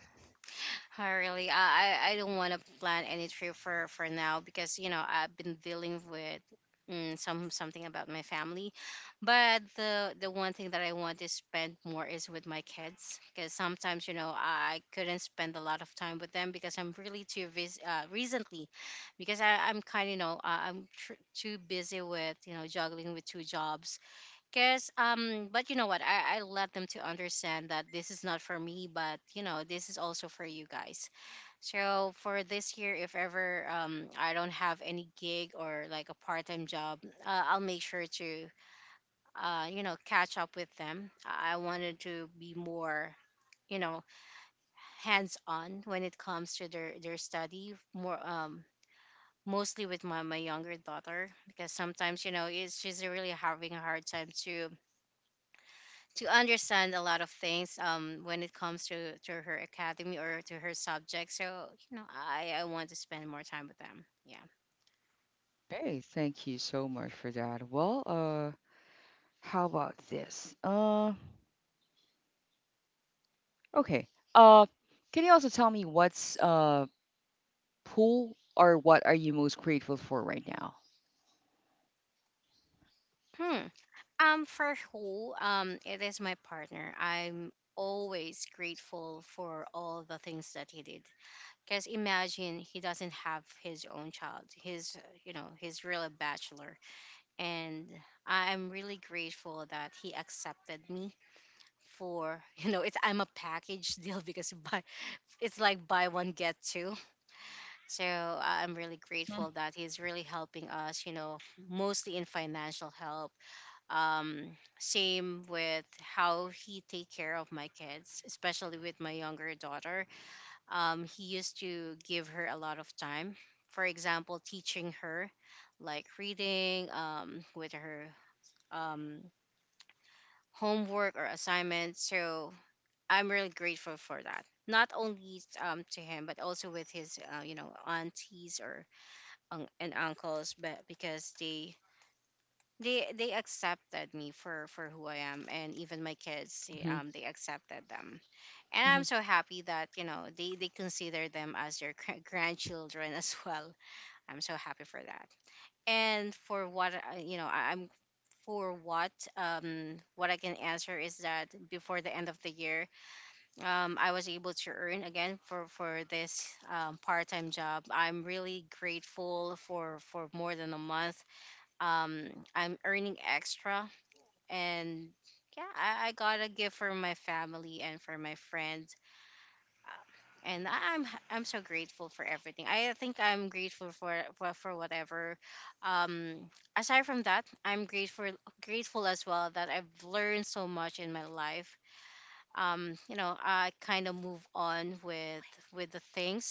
I really, I, I I don't want to plan any trip for for now, because you know I've been dealing with, mm, some something about my family. But the the one thing that I want to spend more is with my kids, because sometimes, you know I couldn't spend a lot of time with them, because I'm really too busy, uh, recently, because I I'm kind of, you know uh, I'm tr- too busy with, you know juggling with two jobs. Cause, um, but you know what? I I let them to understand that this is not for me, but, you know this is also for you guys. So for this year, if ever, um I don't have any gig or like a part time job, uh, I'll make sure to, uh you know catch up with them. I I wanted to be more, you know hands on when it comes to their their study, more, um mostly with my, my younger daughter, because sometimes you know it's she's really having a hard time to to understand a lot of things, um when it comes to to her academy or to her subject. So, you know i i want to spend more time with them. Yeah. Hey, thank you so much for that. Well, uh. How about this? Uh, okay. Uh, can you also tell me what's uh pool or what are you most grateful for right now? Hmm. um for who, um it is my partner. I'm always grateful for all the things that he did, because imagine he doesn't have his own child. He's uh, you know he's really a bachelor, and I'm really grateful that he accepted me for, [laughs] you know it's, I'm a package deal, because by, it's like buy one get two. So I- I'm really grateful that he's really helping us, you know, mostly in financial help. Um, same with how he take care of my kids, especially with my younger daughter. Um, he used to give her a lot of time. For example, teaching her like reading, um, with her, um, homework or assignments. So I'm really grateful for that. Not only, um to him, but also with his, uh, you know aunties or, un- and uncles. But because they they they accepted me for for who I am, and even my kids, they, Mm-hmm. um, they accepted them, and Hmm. I'm so happy that, you know they they consider them as their gr- grandchildren, [laughs] as well. I'm so happy for that. And for what I- you know, I- I'm for what um what I can answer is that before the end of the year, um, I was able to earn again for for this, um, part time job. I'm really grateful for for more than a month. Um, I'm earning extra, and yeah, I, I got a gift for my family and for my friends. Uh, And I- I'm I'm so grateful for everything. I think I'm grateful for for, for whatever. Um, aside from that, I'm grateful grateful as well that I've learned so much in my life, um, you know, I kind of move on with with the things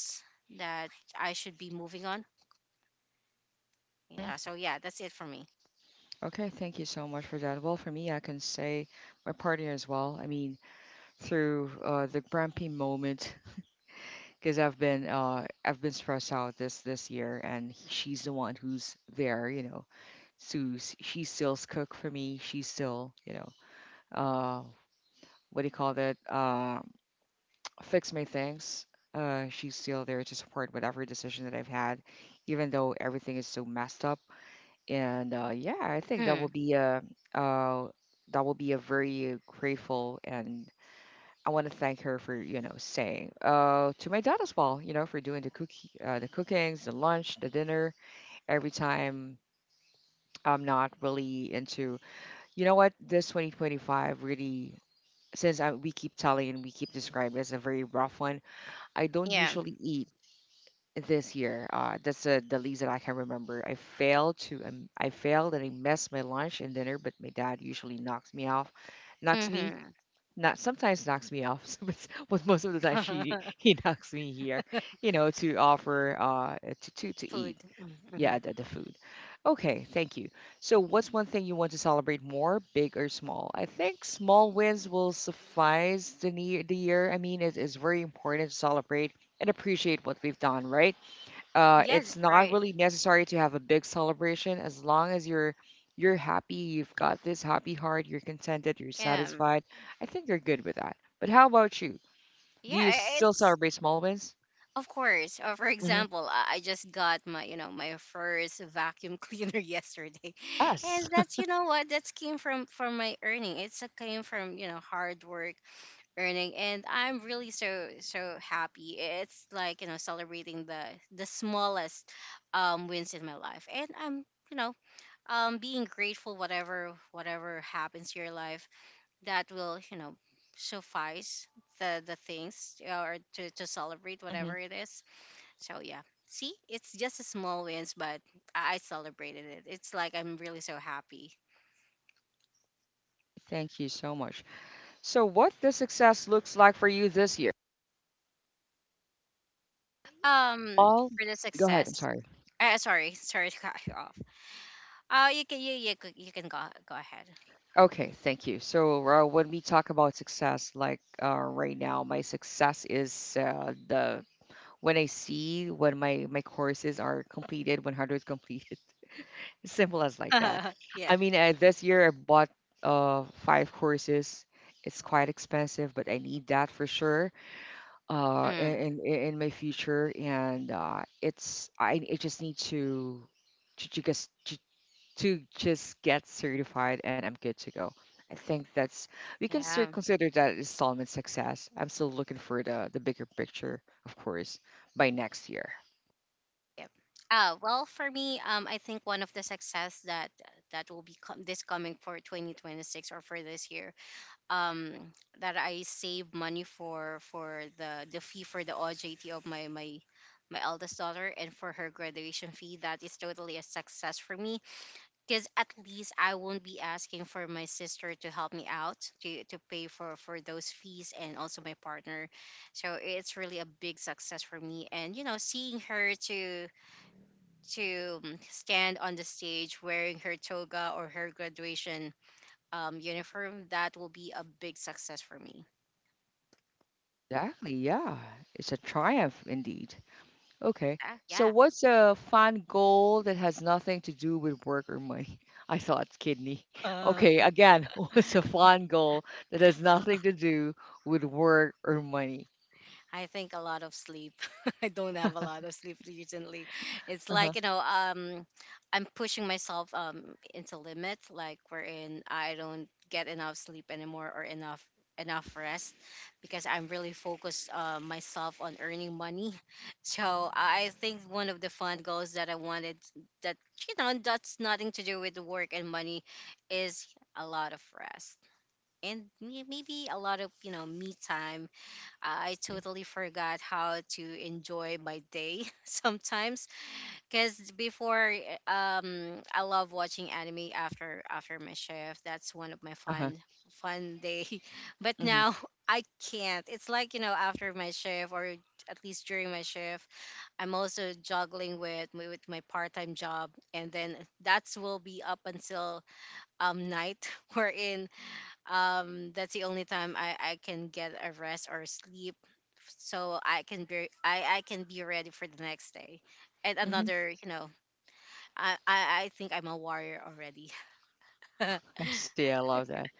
that I should be moving on. Yeah. So yeah, that's it for me. Okay, thank you so much for that. Well, for me, I can say my partner as well. I mean, through uh, the grumpy moment, because I've been uh, I've been stressed out this this year, and he- she's the one who's there, you know. So s- she still's cook for me. She's still, you know, uh, what do you call that? Uh. Fix my things. Uh, she's still there to support whatever decision that I've had, even though everything is so messed up. And uh, yeah, I think that will Mm, be a uh, that will be a very grateful and I want to thank her for you know saying uh, to my dad as well, you know, for doing the cookie, uh, the cookings, the lunch, the dinner every time. I'm not really into you know what this twenty twenty-five really since I, we keep telling and we keep describing it as a very rough one. I don't yeah. usually eat this year. Uh, that's uh, the least that I can remember. I failed to, um, I failed and I messed my lunch and dinner, but my dad usually knocks me off, knocks me, Mm-hmm. not sometimes knocks me off, [laughs] but, but most of the time she [laughs] he knocks me here, you know, to offer uh to to, to Food. eat. Mm-hmm. Yeah, the, the food. Okay, thank you. So, what's one thing you want to celebrate more, big or small? I think small wins will suffice the, ne- the year. I mean, it is very important to celebrate and appreciate what we've done, right? Uh, Yeah, that's it's not right. really necessary to have a big celebration as long as you're you're happy, you've got this happy heart, you're contented, you're Yeah. satisfied. I think you're good with that. But how about you? Do Yeah. you I- still It's celebrate small wins? Of course. Uh, for Hmm. example, I I just got my, you know my first vacuum cleaner [laughs] yesterday, Yes. and that's you know what that's came from from my earning. It's a came from, you know hard work earning, and I'm really so, so happy. It's like, you know celebrating the the smallest, um wins in my life, and I'm, you know um being grateful whatever whatever happens to your life. That will, you know suffice the the things, or to to celebrate [laughs] Hmm. whatever it is. So yeah, see, it's just a small wins, but i I celebrated it. It's like I'm really so happy. Thank you so much. So, what the success looks like for you this year? um All. for the Go ahead. I'm success. sorry. Uh, sorry, sorry to cut you off. Oh, you can you you c- you can go, go ahead. Okay, thank you. So, uh, when we talk about success, like uh, right now, my success is uh, the when I see when my my courses are completed, when hardware is completed. [laughs] As simple as like that. [laughs] Yeah. I mean, uh, this year I bought uh five courses. It's quite expensive, but I need that for sure. Uh, Mm, in in, In my future, and uh, it's I, I just need to to, to just to, to just get certified, and I'm good to go. I think that's we can still yeah. consider that installment success. I'm still looking for the the bigger picture, of course, by next year. Yep. Uh, well, for me, um, I think one of the success that that will be, com- this coming for twenty twenty-six or for this year, um, that I save money for for the the fee for the O J T of my my my eldest daughter, and for her graduation fee. That is totally a success for me, because at least I won't be asking for my sister to help me out to, to pay for, for those fees, and also my partner. So it's really a big success for me. And, you know, seeing her to to um, stand on the stage wearing her toga or her graduation, um, uniform, that will be a big success for me. Exactly, yeah. It's a triumph indeed. Okay, Yeah, so yeah. what's a fun goal that has nothing to do with work or money? [laughs] I thought kidney. Okay, again, [laughs] what's a fun goal that has nothing to do with work or money? I think a lot of sleep. [laughs] I don't have a lot of sleep recently. It's Uh-huh. like, you know, um I'm pushing myself, um into limits, like wherein I don't get enough sleep anymore, or enough enough rest, because I'm really focused, uh, myself, on earning money. [laughs] So I think one of the fun goals that I wanted, that you know that's nothing to do with work and money, is a lot of rest and, may- maybe a lot of, you know me time. I totally forgot how to enjoy my day [laughs] sometimes, because before, um I love watching anime after after my shift. That's one of my Uh-huh. fun fun day. [laughs] But Mm-hmm. now [laughs] I can't. It's like, you know after my shift, or at least during my shift, I'm also juggling with my- with my part time job, and then that's will be up until, um night. [laughs] Wherein, um that's the only time i i can get a rest or sleep, so i can be i i can be ready for the next day. And Mm-hmm. another, you know i i, I think I'm a warrior already. [laughs] I [laughs] see, I love that.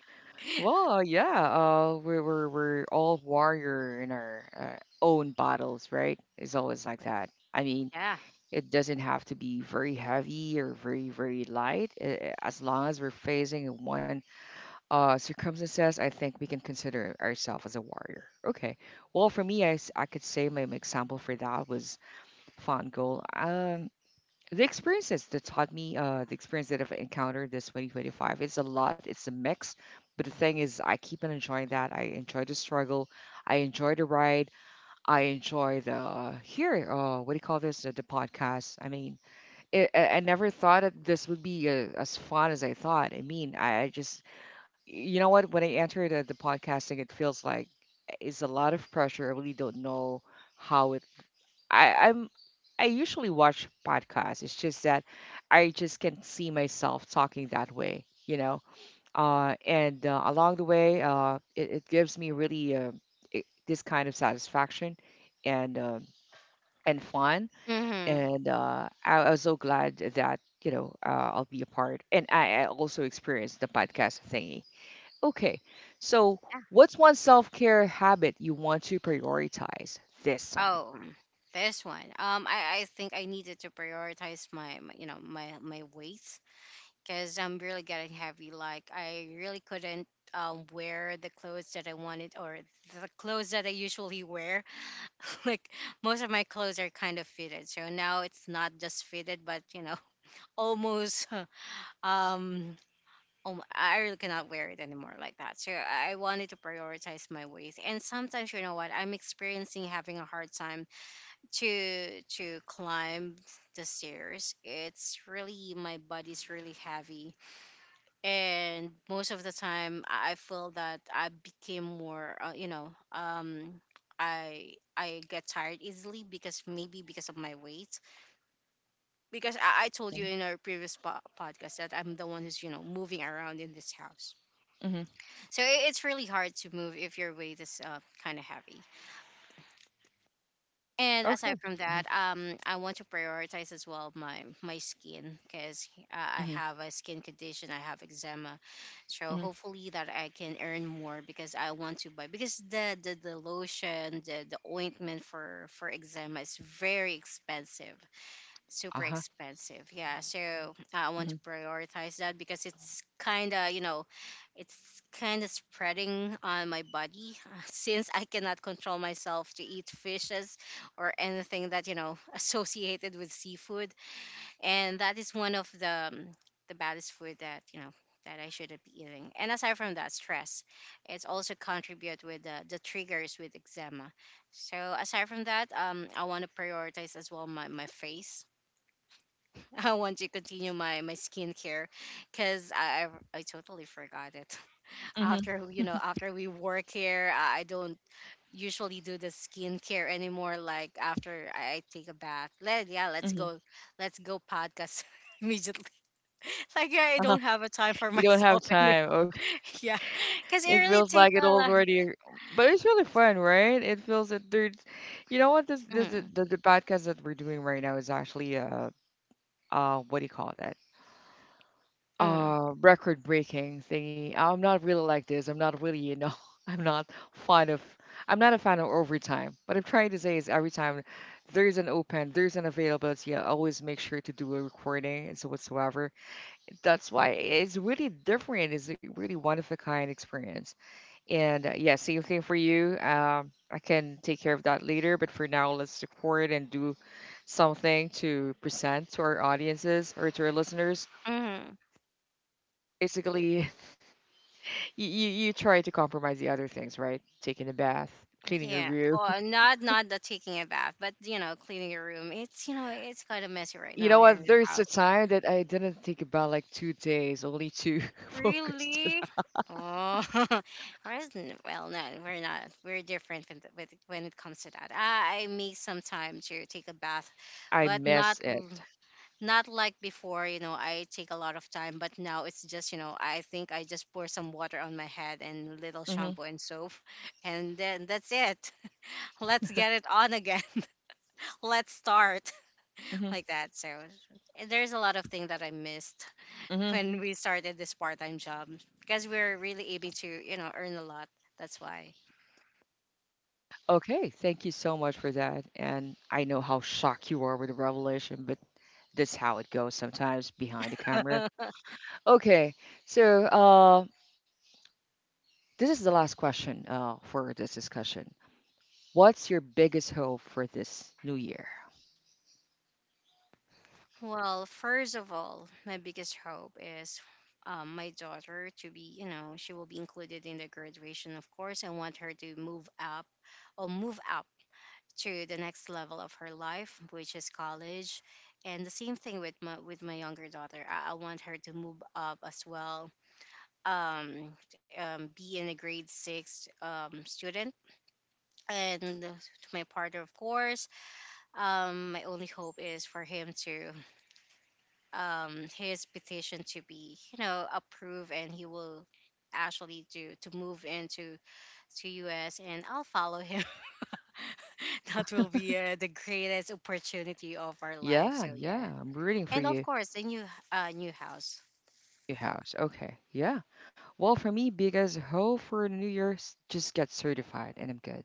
Well, yeah, uh, we're we're we're all warrior in our uh, own battles, right? It's always like that. I mean, Yeah. it doesn't have to be very heavy or very, very light. Eh, as long as we're facing one uh, circumstances, I think we can consider ourselves as a warrior. Okay. Well, for me, I, s- I could say my, my example for that was fun goal. Um, the experiences that taught me, uh, the experience that I've encountered this twenty twenty-five, it's a lot, it's a mix. But the thing is, I keep on enjoying that. I enjoy the struggle. I enjoy the ride. I enjoy the uh, here. Uh, what do you call this? The, the podcast. I mean, it, I I never thought that this would be uh, as fun as I thought. I mean, I, I just, you know what? When I entered the, the podcasting, it feels like it's a lot of pressure. I really don't know how it. I, I'm. I usually watch podcasts. It's just that I just can't see myself talking that way. You know. Uh, and uh, Along the way, uh, it, it gives me really uh, it, this kind of satisfaction and uh, and fun Mm-hmm. and uh, I, I was so glad that you know uh, I'll be a part. And I, I also experienced the podcast thingy. Okay, so Yeah. what's one self care habit you want to prioritize this time? Oh, mm, this one, um i i think I needed to prioritize my, my you know my my weight, because I'm really getting heavy. Like, I really couldn't, um, wear the clothes that I wanted, or the clothes that I usually wear. [laughs] Like, most of my clothes are kind of fitted, so now it's not just fitted but, you know [laughs] almost. [laughs] um alm- I really cannot wear it anymore, like that. So I wanted to prioritize my weight, and sometimes, you know what, I'm experiencing having a hard time to to climb the stairs. It's really my body's really heavy, and most of the time, i I feel that I became more, uh, you know um i i get tired easily, because maybe because of my weight. Because i, I told you in our previous po- podcast that I'm the one who's, you know moving around in this house. Mm-hmm. So, i- it's really hard to move if your weight is, uh, kind of heavy. And Okay. aside from Mm-hmm. that, um, I want to prioritize as well my my skin, because, uh, I Mm-hmm. have a skin condition. I have eczema, so Mm-hmm. hopefully that I can earn more, because I want to buy, because the, the, the lotion, the, the ointment for for eczema is very expensive, super Uh-huh. expensive. Yeah, so, uh, I want Mm-hmm. to prioritize that, because it's kind of, you know, it's kind of spreading on my body, [laughs] since I cannot control myself to eat fishes or anything that, you know, [laughs] associated with seafood. And that is one of the um, the baddest food that, you know, that I shouldn't be eating. And aside from that, stress, it's also contribute with the, the triggers with eczema. So aside from that, um, I want to prioritize as well my, my face. I want to continue my my skincare, because I, I I totally forgot it. [laughs] Mm-hmm. After, you know after we work here, I I don't usually do the skincare anymore. Like, after I I take a bath, let yeah let's Mm-hmm. go let's go podcast [laughs] immediately. [laughs] Like, I Uh-huh. don't have a time [laughs] for You don't have myself [laughs] anymore. time. Okay. [laughs] Yeah, because it It really feels like take it a lot. already, but it's really fun, right? It feels that there's, you know what? This this is- Mm. the the podcast that we're doing right now is actually uh uh what do you call that? Mm. Uh record breaking thingy. I'm not really like this. I'm not really, you know, [laughs] I'm not fond of I'm not a fan of overtime. What I'm trying to say is every time there's an open, there's an availability, I always make sure to do a recording and so whatsoever. That's why it's really different. It's a really one of a kind experience. And uh, yeah, same thing for you. Um, I can take care of that later, but for now, let's record and do something to present to our audiences or to our listeners. Mm. Basically, You, you you try to compromise the other things, right? Taking a bath, cleaning your Yeah. room. [laughs] Well, not not the taking a bath, but, you know, cleaning your room. It's you know, it's kind of messy right You now know here in what? the There's a house. time that I didn't think about like two days only to [laughs] focus. On. Really? Oh, [laughs] whereas, n- well, no, we're not. We're different with, with when it comes to that. I, I make some time to take a bath, I but not miss l- it. not like before. You know, I take a lot of time, but now it's just, you know, I think I just pour some water on my head and little Hmm. shampoo and soap, [laughs] and then that's it. [laughs] Let's get it on again. [laughs] Let's start [laughs] Hmm. like that. So there's a lot of things that I missed Hmm. when we started this part-time job, because we're really able to, you know earn a lot, that's why. Okay, thank you so much for that. And I know how shocked you are with the revelation, but this is how it goes sometimes behind the camera. [laughs] Okay, so uh, this is the last question uh, for this discussion. What's your biggest hope for this new year? Well, first of all, my biggest hope is, um, my daughter to be, you know she will be included in the graduation. Of course, I want her to move up or move up to the next level of her life, which is college. And the same thing with my with my younger daughter. I, I want her to move up as well, um, um be in a grade six, um student. And to my partner, of course, um my only hope is for him to, um his petition to be, you know approved, and he will actually do to move into to us, and I'll follow him. [laughs] That will be, uh, the greatest opportunity of our life. Yeah, So yeah. yeah. I'm rooting for And of you, course the new uh new house. your house. Okay, yeah. Well, for me, biggest hope for New Year's, just get certified and I'm good.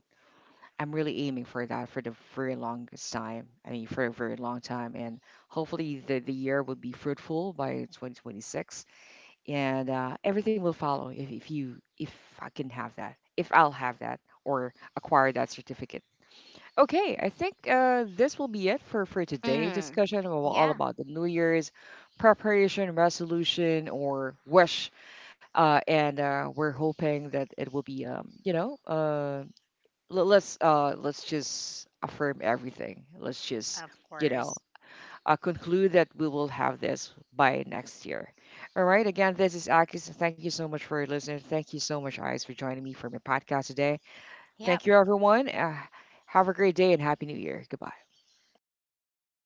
I'm really aiming for that for the very longest time. I mean, for a very long time. And hopefully the, the year will be fruitful by two thousand twenty-six and uh, everything will follow if, if you, if I can have that, if I'll have that or acquire that certificate. Okay, I think uh, this will be it for, for today's Mm, discussion. We all yeah. about the New Year's preparation, resolution, or wish. Uh, and uh, We're hoping that it will be, um, you know, uh, le- let's uh, let's just affirm everything. Let's just, Of you know, course. uh, conclude that we will have this by next year. All right. Again, this is Akis. Thank you so much for listening. Thank you so much, Eyes, for joining me for my podcast today. Thank you, Yeah. everyone. Uh, have a great day and happy new year. Goodbye.